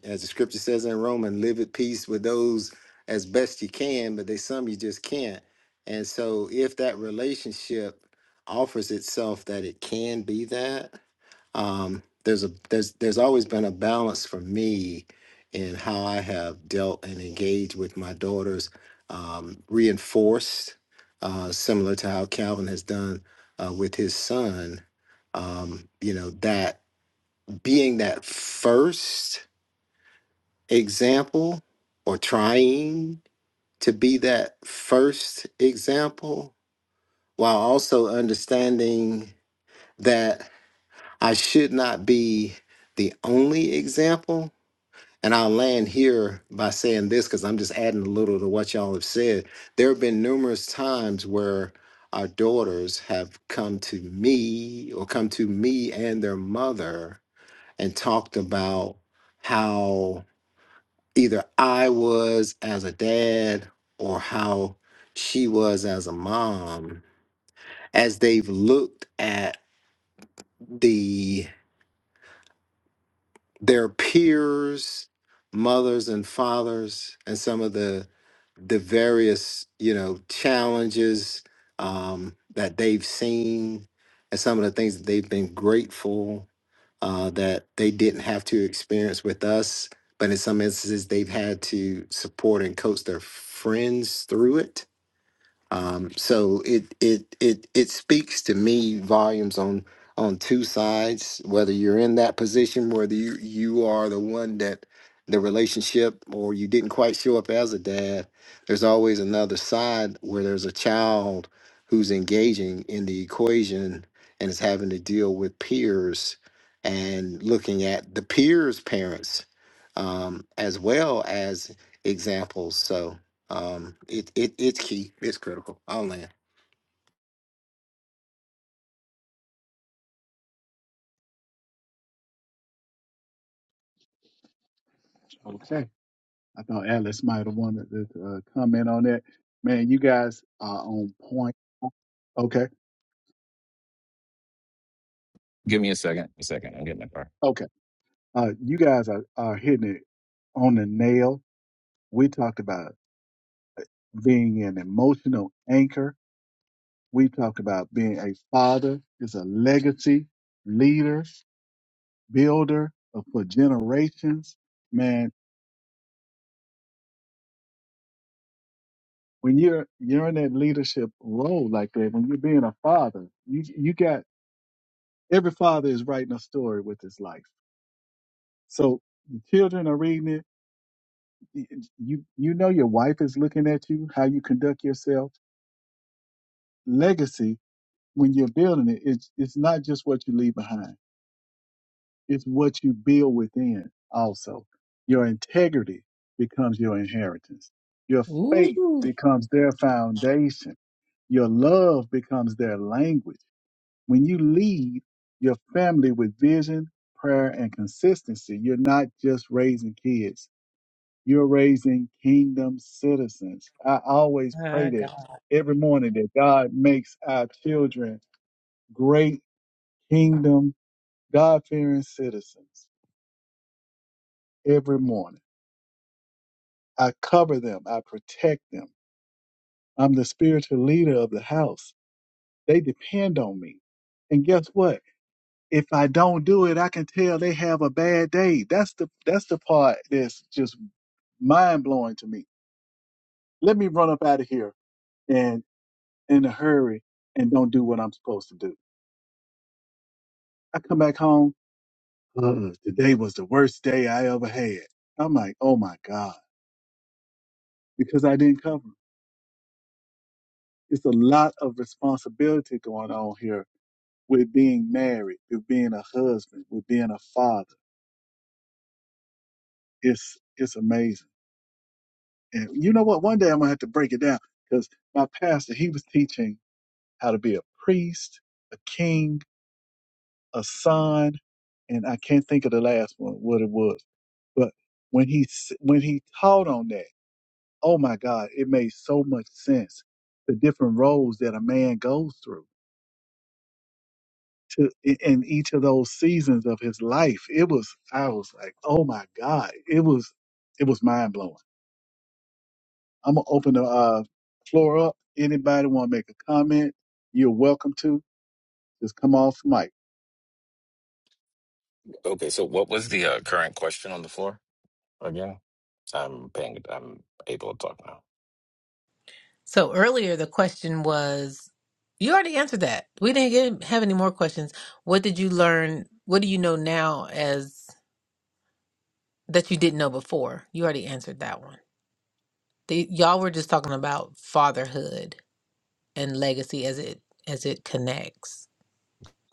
S3: as the scripture says in Romans, live at peace with those as best you can, but there's some you just can't. And so, if that relationship offers itself that it can be that, um, there's a there's there's always been a balance for me in how I have dealt and engaged with my daughters, um, reinforced, uh, similar to how Calvin has done uh, with his son. Um, you know that being that first example or trying to be that first example while also understanding that I should not be the only example. And I'll land here by saying this because I'm just adding a little to what y'all have said. There have been numerous times where our daughters have come to me or come to me and their mother and talked about how either I was as a dad or how she was as a mom as they've looked at the their peers, mothers and fathers, and some of the the various you know challenges um, that they've seen, and some of the things that they've been grateful uh, that they didn't have to experience with us. But in some instances, they've had to support and coach their friends through it um, so it it it it speaks to me volumes on on two sides. Whether you're in that position, whether you you are the one that the relationship, or you didn't quite show up as a dad, there's always another side where there's a child who's engaging in the equation and is having to deal with peers and looking at the peers' parents um, as well as examples. So. Um, it, it it's key. It's critical. I'll land.
S2: Okay. I thought Alice might have wanted to uh, comment on that. Man, you guys are on point. Okay.
S6: Give me a second. A second. I'm getting my car.
S2: Okay. Uh, you guys are, are hitting it on the nail. We talked about being an emotional anchor We talk about being a father is a legacy, leader, builder of- for generations. Man, when you're you're in that leadership role like that, when you're being a father, you you got every father is writing a story with his life. So the children are reading it. Y- You you know your wife is looking at you, how you conduct yourself. Legacy when you're building it, it's it's not just what you leave behind It's what you build within also. Your integrity becomes your inheritance. Your faith
S1: Ooh,
S2: becomes their foundation. Your love becomes their language. When you lead your family with vision, prayer, and consistency, you're not just raising kids, you're raising kingdom citizens. I always pray
S1: my
S2: that
S1: God.
S2: every morning that God makes our children great kingdom, God fearing citizens every morning. I cover them. I protect them. I'm the spiritual leader of the house. They depend on me. And guess what? If I don't do it, I can tell they have a bad day. That's the that's the part that's just mind blowing to me. Let me run up out of here and in a hurry and don't do what I'm supposed to do. I come back home. Uh, today was the worst day I ever had. I'm like, oh my god, because I didn't cover. It's a lot of responsibility going on here with being married, with being a husband, with being a father. It's it's amazing. And you know what? One day I'm gonna have to break it down because my pastor he was teaching how to be a priest, a king, a son, and I can't think of the last one what it was. But when he s- when he taught on that, oh my God, it made so much sense. The different roles that a man goes through to in in each of those seasons of his life. It was I was like, oh my God, it was it was mind blowing. I'm gonna open the uh, floor up. Anybody want to make a comment? You're welcome to. Just come off mic.
S6: Okay. So what was the uh, current question on the floor again? I'm paying. I'm able to talk now.
S1: So earlier the question was you already answered that. We didn't get, have any more questions. What did you learn? What do you know now as that you didn't know before? You already answered that one. The, y'all were just talking about fatherhood and legacy as it as it connects.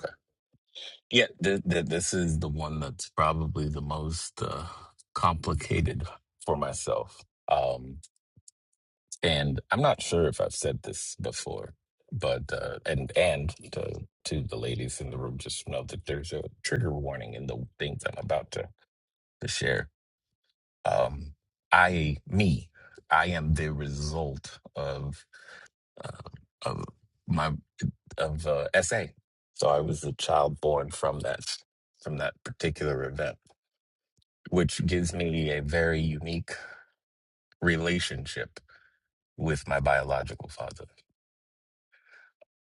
S6: Okay. Yeah, th- th- this is the one that's probably the most uh, complicated for myself. Um, and I'm not sure if I've said this before, but uh, and and to, to the ladies in the room, just know that there's a trigger warning in the things I'm about to, to share. Um, I, me, I am the result of. uh, of my of uh, SA. So I was a child born from that from that particular event, which gives me a very unique relationship with my biological father.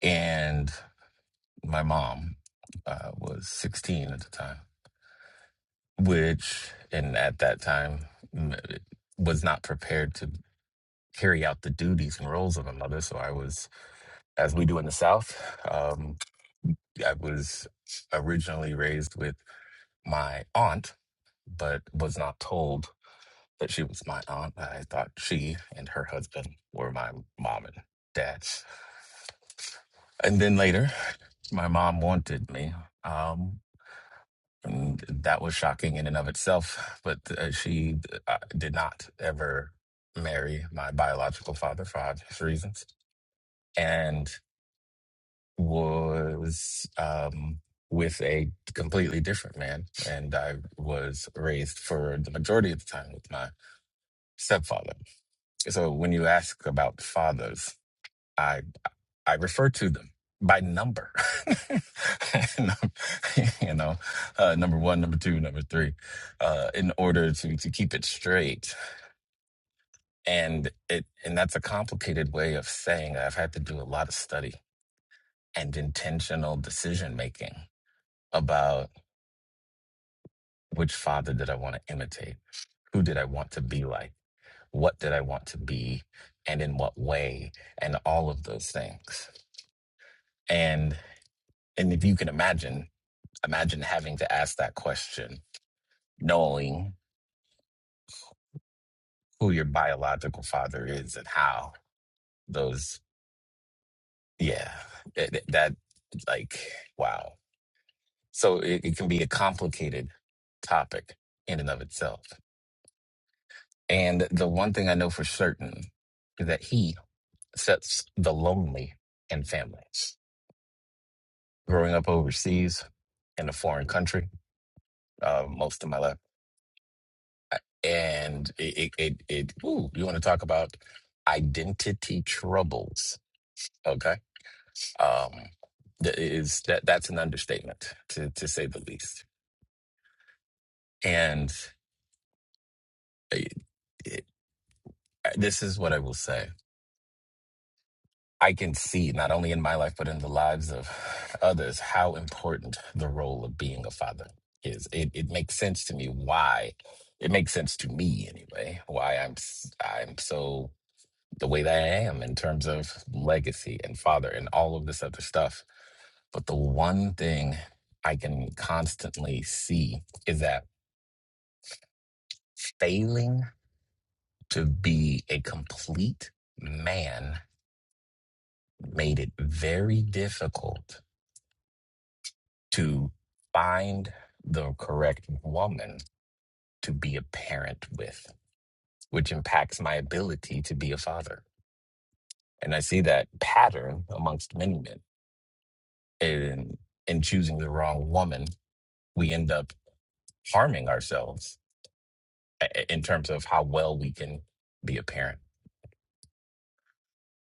S6: And my mom uh, was 16 at the time, which and at that time m- was not prepared to carry out the duties and roles of a mother. So I was as we do in the South. Um, I was originally raised with my aunt, but was not told that she was my aunt. I thought she and her husband were my mom and dad. And then later, my mom wanted me. Um, and that was shocking in and of itself, but uh, she uh, did not ever marry my biological father for obvious reasons. And was um, with a completely different man, and I was raised for the majority of the time with my stepfather. So when you ask about fathers, I I refer to them by number, And, um, you know, uh, number one, number two, number three, uh, in order to to keep it straight. And it and that's a complicated way of saying I've had to do a lot of study and intentional decision making about. Which father did I want to imitate? Who did I want to be like? What did I want to be? And in what way? And all of those things. And and if you can imagine, imagine having to ask that question, knowing who your biological father is and how those yeah. That, that like wow. So it, it can be a complicated topic in and of itself. And the one thing I know for certain is that he sets the lonely in families. Growing up overseas in a foreign country, uh, most of my life, uh, and it it it, it ooh, you want to talk about identity troubles? Okay, um, that is that that's an understatement to to say the least. And uh, it, it, this is what I will say. I can see not only in my life but in the lives of others how important the role of being a father is. It it makes sense to me why it makes sense to me anyway why I'm s- I'm so the way that I am in terms of legacy and father and all of this other stuff. But the one thing I can constantly see is that failing to be a complete man made it very difficult to find the correct woman to be a parent with, which impacts my ability to be a father. And I see that pattern amongst many men. In in choosing the wrong woman, we end up harming ourselves i- i- in terms of how well we can be a parent,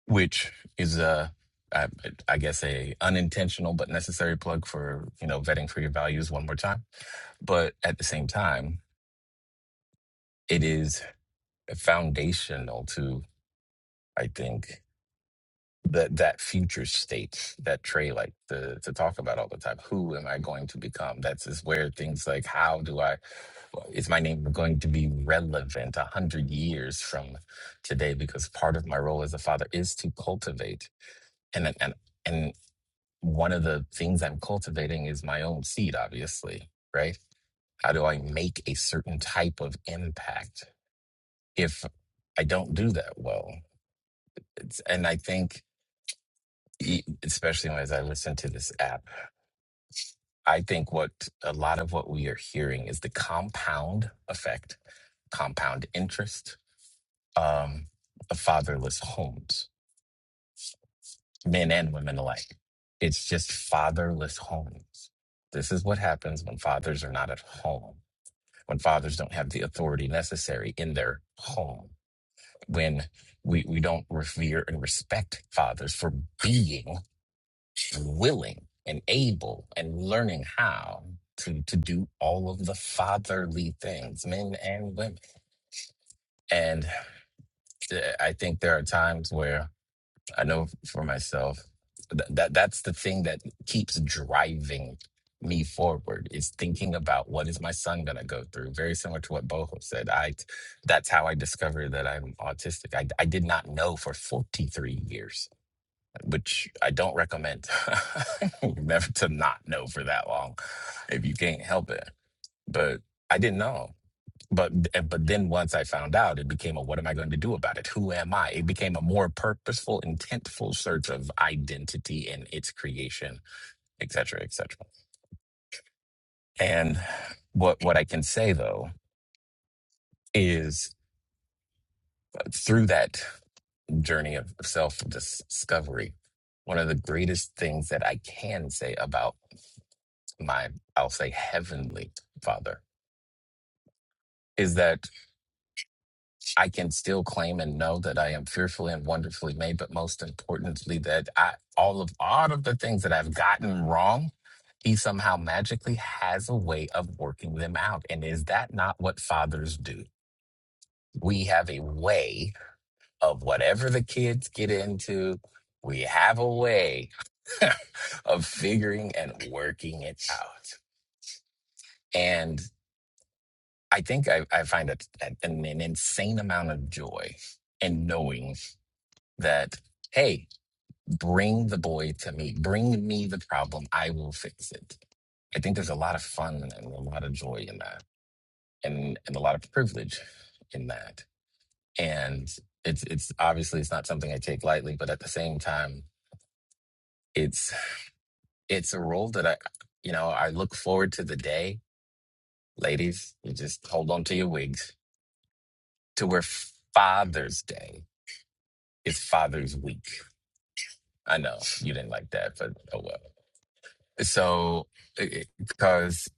S6: which is a I, I guess a unintentional but necessary plug for you know vetting for your values one more time but at the same time, it is. foundational to I think that that future state that Trey like to to talk about all the time. Who am I going to become? That's is where things like how do I well, is my name going to be relevant a hundred years from today? Because part of my role as a father is to cultivate and and and one of the things I'm cultivating is my own seed, obviously, right? How do I make a certain type of impact if I don't do that well? It's, and I think, e- especially as I listen to this app, I think what a lot of what we are hearing is the compound effect, compound interest um, of fatherless homes, men and women alike. It's just fatherless homes. This is what happens when fathers are not at home, when fathers don't have the authority necessary in their home, when we, we don't revere and respect fathers for being willing and able and learning how to to do all of the fatherly things, men and women. And th- I think there are times where I know for myself that, that that's the thing that keeps driving me forward is thinking about what is my son going to go through very similar to what boho said i that's how i discovered that i'm autistic i, I did not know for 43 years which I don't recommend. Never to not know for that long if you can't help it. But I didn't know. But eh, but then once I found out, it became a what am I going to do about it? Who am I? It became a more purposeful, intentful search of identity and its creation, et cetera, et cetera. And what what I can say though is uh, through that journey of self discovery, one of the greatest things that I can say about my I'll say heavenly father is that I can still claim and know that I am fearfully and wonderfully made, but most importantly that I all of all of the things that I've gotten wrong, he somehow magically has a way of working them out. And is that not what fathers do? We have a way of whatever the kids get into, we have a way of figuring and working it out. And. I think I, I find a, an, an insane amount of joy in knowing that, hey, bring the boy to me, bring me the problem, I will fix it. I think there's a lot of fun and a lot of joy in that, and, and a lot of privilege in that. And it's it's obviously it's not something I take lightly, but at the same time, it's it's a role that I, you know, I look forward to the day, ladies. You just hold on to your wigs to where Father's Day It's Father's Week. I know you didn't like that, but oh well. So, because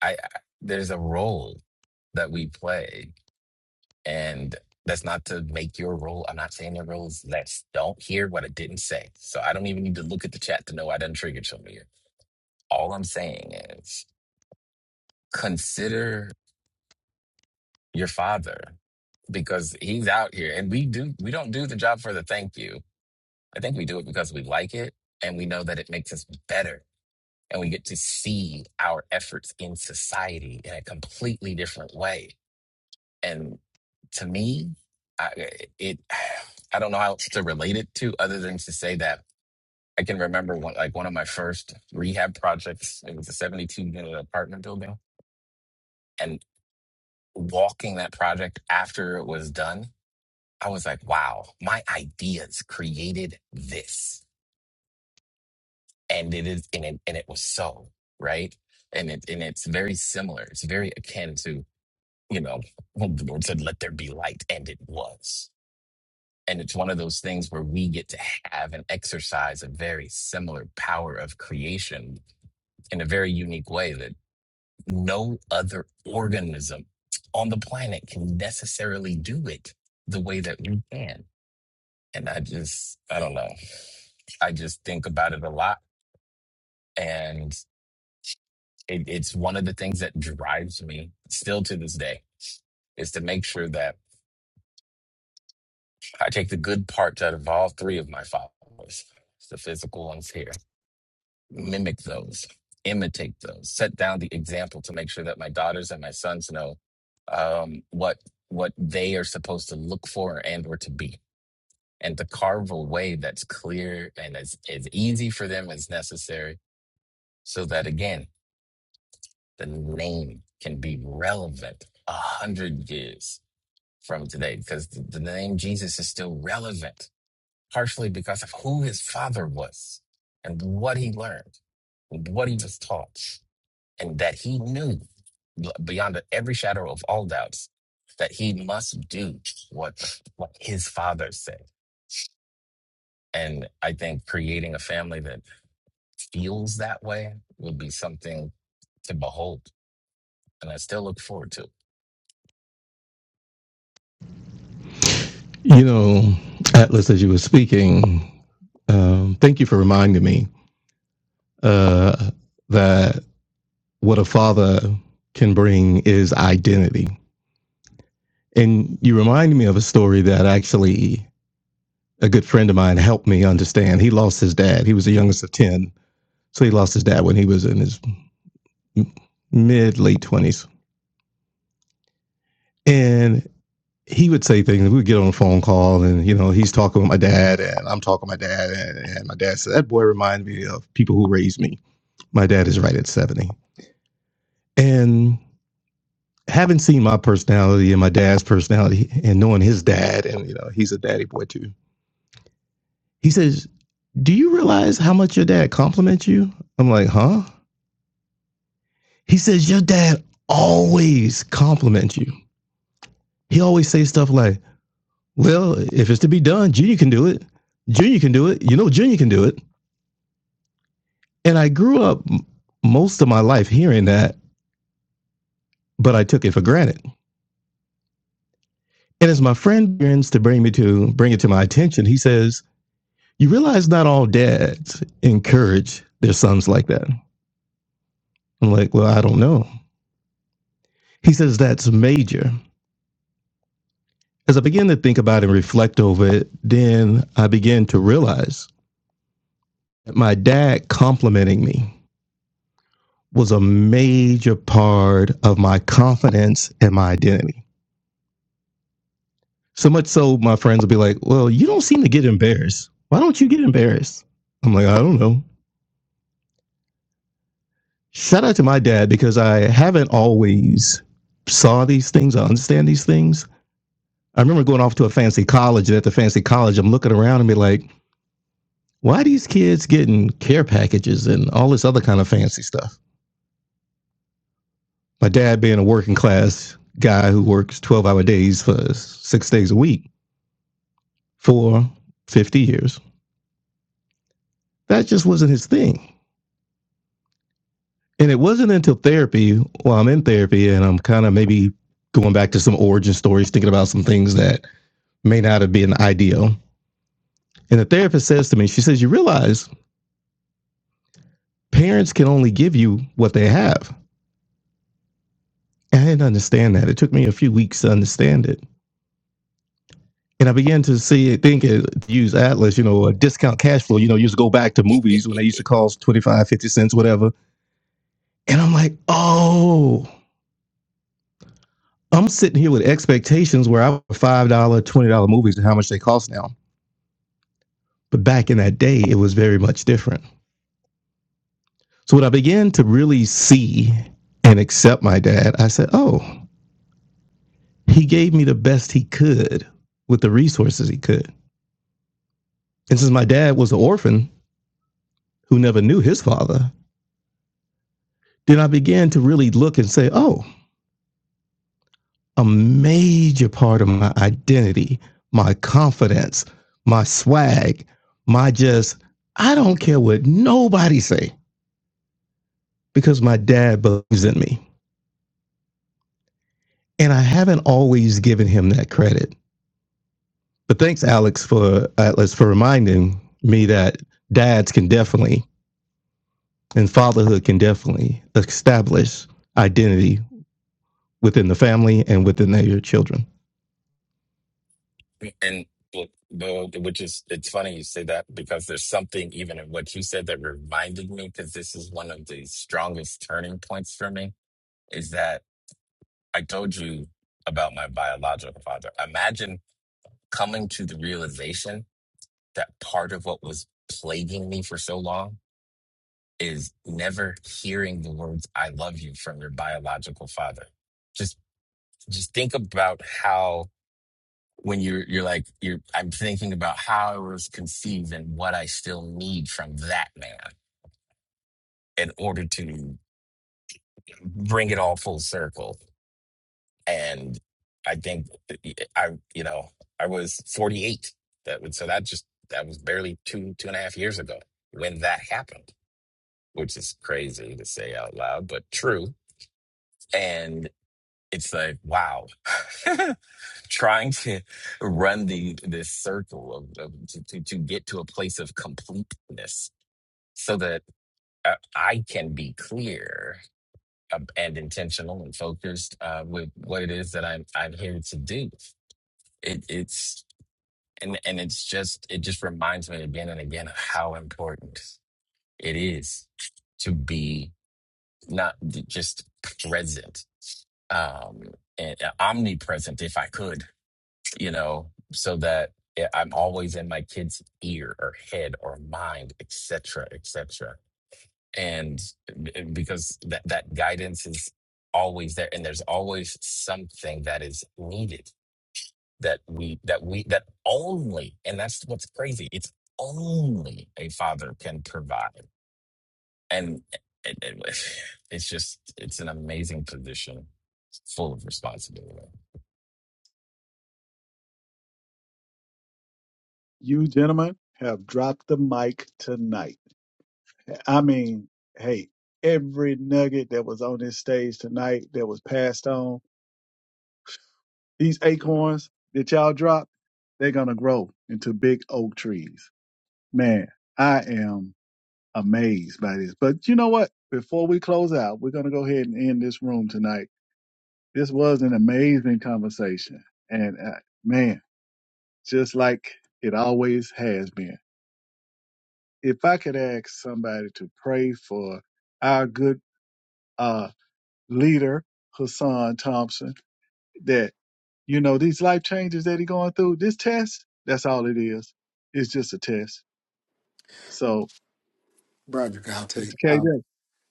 S6: I, I there's a role that we play, and that's not to make your role. I'm not saying your role is less. Don't hear what I didn't say. So I don't even need to look at the chat to know I didn't trigger something here. All I'm saying is consider your father because he's out here, and we do. We don't do the job for the thank you. I think we do it because we like it, and we know that it makes us better and we get to see our efforts in society in a completely different way. And to me, I, it I don't know how else to relate it to other than to say that I can remember one, like one of my first rehab projects. It was a 72 unit apartment building, and walking that project after it was done, I was like, wow, my ideas created this, and it is and it, and it was so right. And it and it's very similar. It's very akin to you know, well, the Lord said, let there be light, and it was. And it's one of those things where we get to have and exercise a very similar power of creation in a very unique way that no other organism on the planet can necessarily do it the way that we can. And I just, I don't know. I just think about it a lot. And it, it's one of the things that drives me still to this day is to make sure that I take the good parts out of all three of my followers. It's the physical ones here. Mimic those, imitate those, set down the example to make sure that my daughters and my sons know um, what what they are supposed to look for and or to be, and to carve a way that's clear and as as easy for them as necessary, so that again the name can be relevant a hundred years from today, because the the name Jesus is still relevant partially because of who his father was and what he learned, and what he was taught, and that he knew beyond every shadow of all doubts that he must do what, what his father said. And I think creating a family that feels that way will be something to behold. And I still look forward to.
S4: You know, Atlas, as you were speaking, um, thank you for reminding me uh, that what a father can bring is identity. And you reminded me of a story that actually a good friend of mine helped me understand. He lost his dad. He was the youngest of 10. So he lost his dad when he was in his mid, late 20s. And he would say things. We'd get on a phone call and, you know, he's talking with my dad and I'm talking with my dad. And, and my dad said, That boy reminds me of people who raised me. My dad is right at 70. And having seen my personality and my dad's personality and knowing his dad, and, you know, he's a daddy boy too. He says, Do you realize how much your dad compliments you? I'm like, huh? He says, Your dad always compliments you. He always says stuff like, Well, if it's to be done, Junior can do it. Junior can do it. You know, Junior can do it. And I grew up most of my life hearing that, but I took it for granted. And as my friend begins to bring me to bring it to my attention, he says, You realize not all dads encourage their sons like that. I'm like, Well, I don't know. He says, That's major. as I began to think about and reflect over it, then I began to realize that my dad complimenting me was a major part of my confidence and my identity. So much so, my friends would be like, Well, you don't seem to get embarrassed. Why don't you get embarrassed? I'm like, I don't know. Shout out to my dad because I haven't always saw these things, I understand these things. I remember going off to a fancy college, and at the fancy college, I'm looking around and be like, why are these kids getting care packages and all this other kind of fancy stuff? My dad, being a working class guy who works 12 hour days for six days a week for 50 years, that just wasn't his thing. And it wasn't until therapy, Well, I'm in therapy and I'm kind of maybe going back to some origin stories, thinking about some things that may not have been ideal. And the therapist says to me, she says, You realize parents can only give you what they have. And I didn't understand that. It took me a few weeks to understand it. And I began to see think use Atlas, you know, a discount cash flow, you know, you used to go back to movies when they
S6: it.
S4: used to cost 25, 50 cents, whatever. And I'm like, oh, I'm sitting here with expectations where I would $5, dollars, $20 movies and how much they cost now. But back in that day, it was very much different. So when I began to really see and accept my dad, I said, oh, he gave me the best he could with the resources he could. And since my dad was an orphan who never knew his father, then I began to really look and say, oh, a major part of my identity, my confidence, my swag, my just I don't care what nobody say because my dad believes in me. And I haven't always given him that credit. But thanks Alex for Atlas for reminding me that dads can definitely and fatherhood can definitely establish identity within the family and within their children.
S6: And look, though, which is, it's funny you say that because there's something even in what you said that reminded me because this is one of the strongest turning points for me is that I told you about my biological father. Imagine coming to the realization that part of what was plaguing me for so long is never hearing the words "I love you" from your biological father. Just, just think about how when you're you're like you're I'm thinking about how I was conceived and what I still need from that man in order to bring it all full circle. And I think eh, I you know I was 48. That would so that just that was barely two two and a half years ago when that happened, which is crazy to say out loud, but true. And it's like wow. trying to run the this circle of, of to, to to get to a place of completeness so that uh, I can be clear uh, and intentional and focused uh, with what it is that I'm I'm here to do. It, it's and and it's just it just reminds me again and again of how important it is to be not j- just present um and uh, omnipresent if I could you know, so that I- I'm always in my kid's ear or head or mind, etc., etc. And b- because that that guidance is always there, and there's always something that is needed that we that we that only, and that's what's crazy. It's only a father can provide, and it, it- it's just it's an amazing position, full of responsibility.
S2: You gentlemen have dropped the mic tonight. I mean, hey, every nugget that was on this stage tonight that was passed on, these acorns that y'all dropped, they're gonna grow into big oak trees. Man, I am amazed by this. But you know what? Before we close out, we're going to go ahead and end this room tonight. This was an amazing conversation. And uh, man, just like it always has been. If I could ask somebody to pray for our good uh, leader, Hassan Thompson, that, you know, these life changes that he's going through, this test, that's all it is. It's just a test. So,
S3: Broderick, I'll
S2: Mr.
S3: take.
S2: KJ,
S3: Um,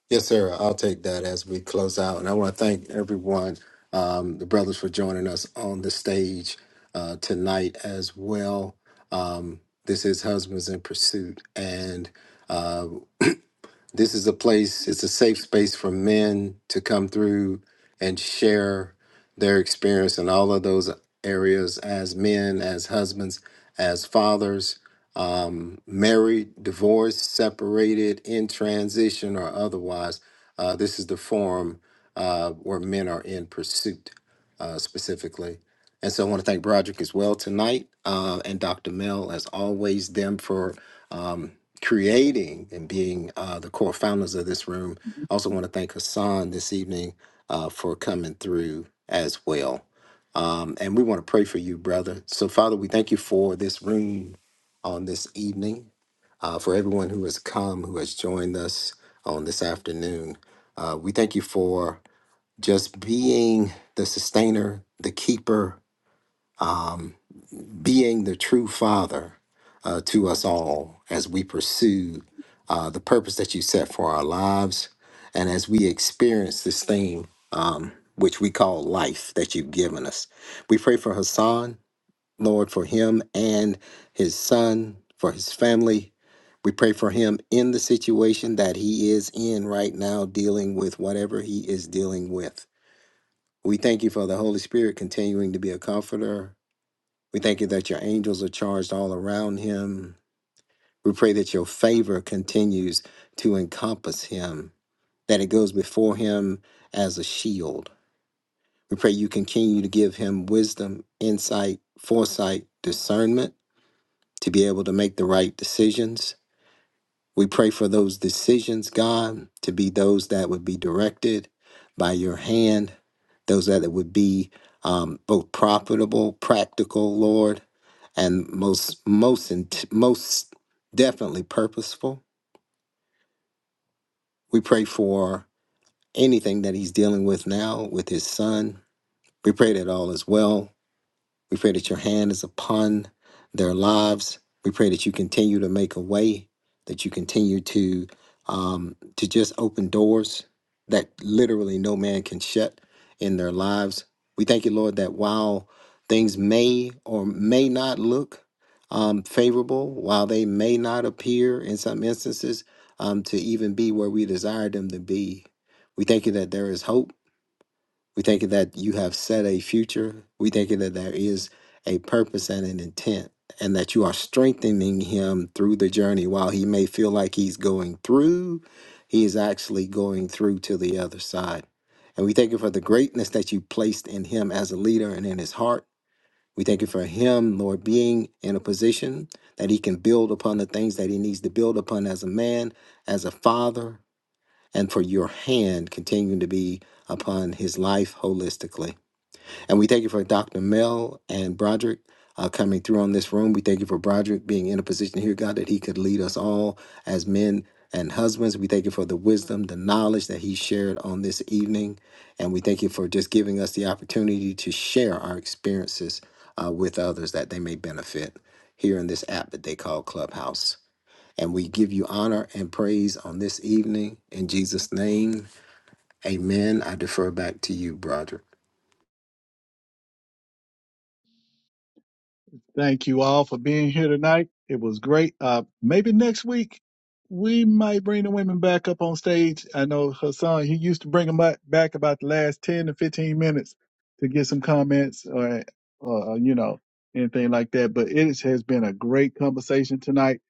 S3: yes, sir. I'll take that as we close out. And I want to thank everyone, um, the brothers, for joining us on the stage uh, tonight as well. Um, this is Husbands in Pursuit, and uh, This is a place, it's a safe space for men to come through and share their experience in all of those areas as men, as husbands, as fathers, um, married, divorced, separated, in transition, or otherwise. Uh, this is the forum uh, where men are in pursuit uh, specifically. And so I want to thank Broderick as well tonight uh, and Dr. Mel, as always, them for. Um, creating and being uh, the core founders of this room. I also want to thank Hassan this evening uh, for coming through as well. Um, and we want to pray for you, brother. So, Father, we thank you for this room on this evening, uh, for everyone who has come, who has joined us on this afternoon. Uh, we thank you for just being the sustainer, the keeper. Um, being the true Father uh, to us all as we pursue uh, the purpose that you set for our lives and as we experience this thing um, which we call life that you've given us. We pray for Hassan, Lord, for him and his son, for his family. We pray for him in the situation that he is in right now, dealing with whatever he is dealing with. We thank you for the Holy Spirit continuing to be a comforter we thank you that your angels are charged all around him. We pray that your favor continues to encompass him, that it goes before him as a shield. We pray you continue to give him wisdom, insight, foresight, discernment to be able to make the right decisions. We pray for those decisions, God, to be those that would be directed by your hand, those that would be um, both profitable, practical, Lord, and most most int- most definitely purposeful. We pray for anything that he's dealing with now with his son. We pray that all is well We pray that your hand is upon their lives. We pray that you continue to make a way, that you continue to um, to just open doors that literally no man can shut in their lives. We thank you, Lord, that while things may or may not look um, favorable, while they may not appear in some instances um, to even be where we desire them to be, we thank you that there is hope we thank you that you have set a future. We thank you that there is a purpose and an intent, and that you are strengthening him through the journey. While he may feel like he's going through, he is actually going through to the other side. And we thank you for the greatness that you placed in him as a leader and in his heart. We thank you for him, Lord, being in a position that he can build upon the things that he needs to build upon as a man, as a father, and for your hand continuing to be upon his life holistically. And we thank you for Dr. Mel and Broderick uh, coming through on this room. We thank you for Broderick being in a position here, God, that he could lead us all as men and husbands. We thank you for the wisdom, the knowledge that he shared on this evening. And we thank you for just giving us the opportunity to share our experiences uh, with others that they may benefit here in this app that they call Clubhouse. And we give you honor and praise on this evening. In Jesus' name, amen. I defer back to you, Broderick.
S2: Thank you all for being here tonight. It was great. Uh, maybe next week we might bring the women back up on stage. I know Hassan, he used to bring them back, back about the last 10 to 15 minutes to get some comments or, or, uh, you know, anything like that. But it has been a great conversation tonight.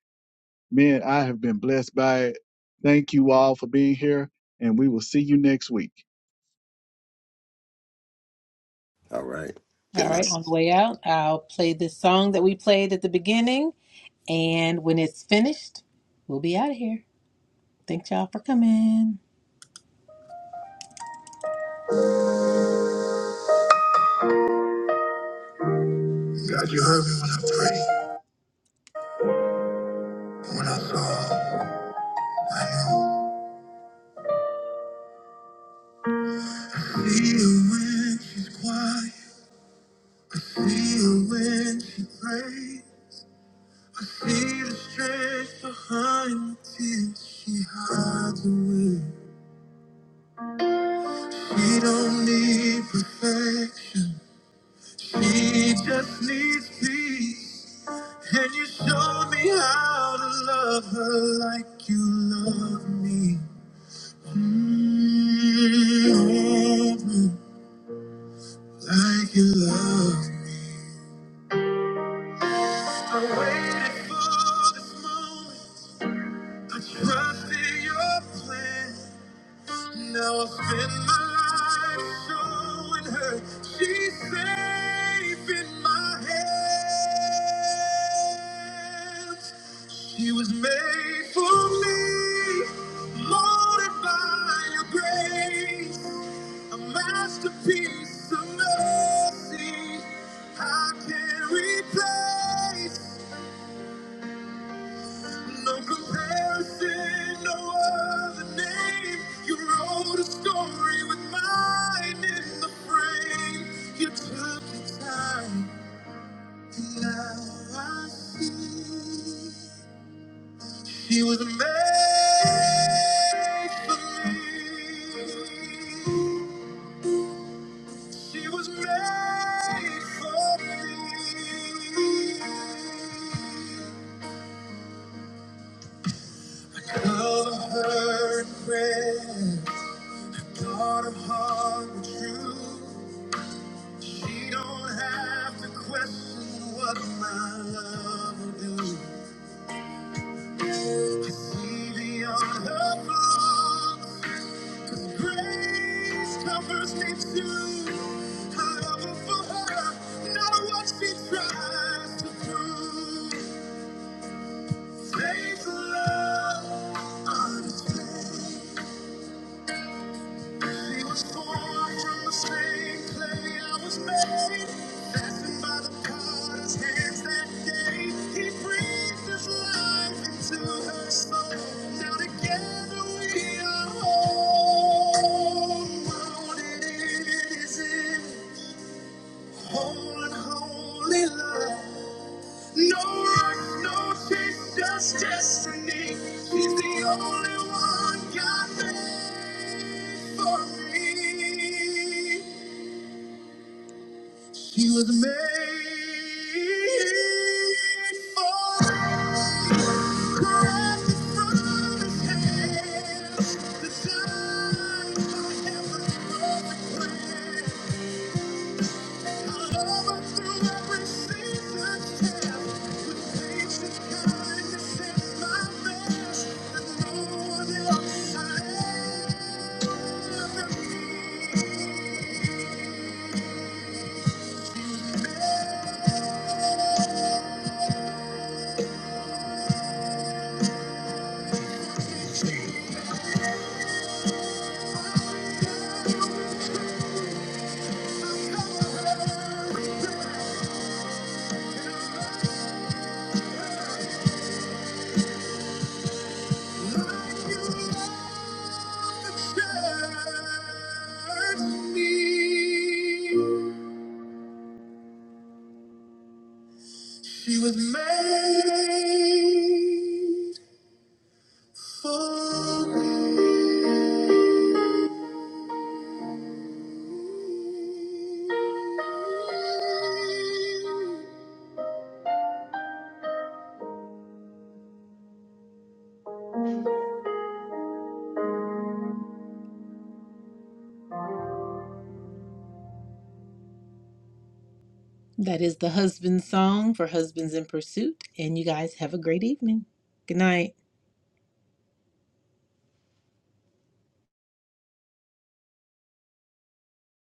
S2: Man, I have been blessed by it. Thank you all for being here and we will see you next week.
S3: All right.
S1: All
S3: Good
S1: right,
S3: night.
S1: on the way out, I'll play this song that we played at the beginning and when it's finished, we'll be out of here. Thanks y'all for coming. God, you heard me when I prayed. When I saw, I knew. See her when she's quiet. I see her when she prays. I see the strength behind the tears she hides away. She don't need perfection. She just needs peace. And you show me how to love her like you love me. Mm, Like you love me. I waited for this moment. Trust in your plan. Now I'll spend my life showing her she's safe in my hands. She was made for me, molded by your grace, a masterpiece of mercy. I can't replace. No comparison, no other name. You wrote a story with mine in the frame. You took the time, and now I see she was made for me. She was made for me. Cover her in prayer. God of heart and truth, she don't have to question what my love will do. I see beyond her flaws, 'cause grace covers me too. I love her for her, not what she tries to prove. Faith, love, understanding. He was formed from the same clay I was made. Fashioned by the potter's hands that day. He breathed his life into her soul. Now together we are whole. Molded in his image. Whole and holy love. No rush, no chase, just destiny. He's the only one God made for me. She was made for me. Crafted from his hand, designed by heaven's perfect plan. Me. She was made for me. That is the husband song for Husbands in Pursuit. And you guys have a great evening. Good night.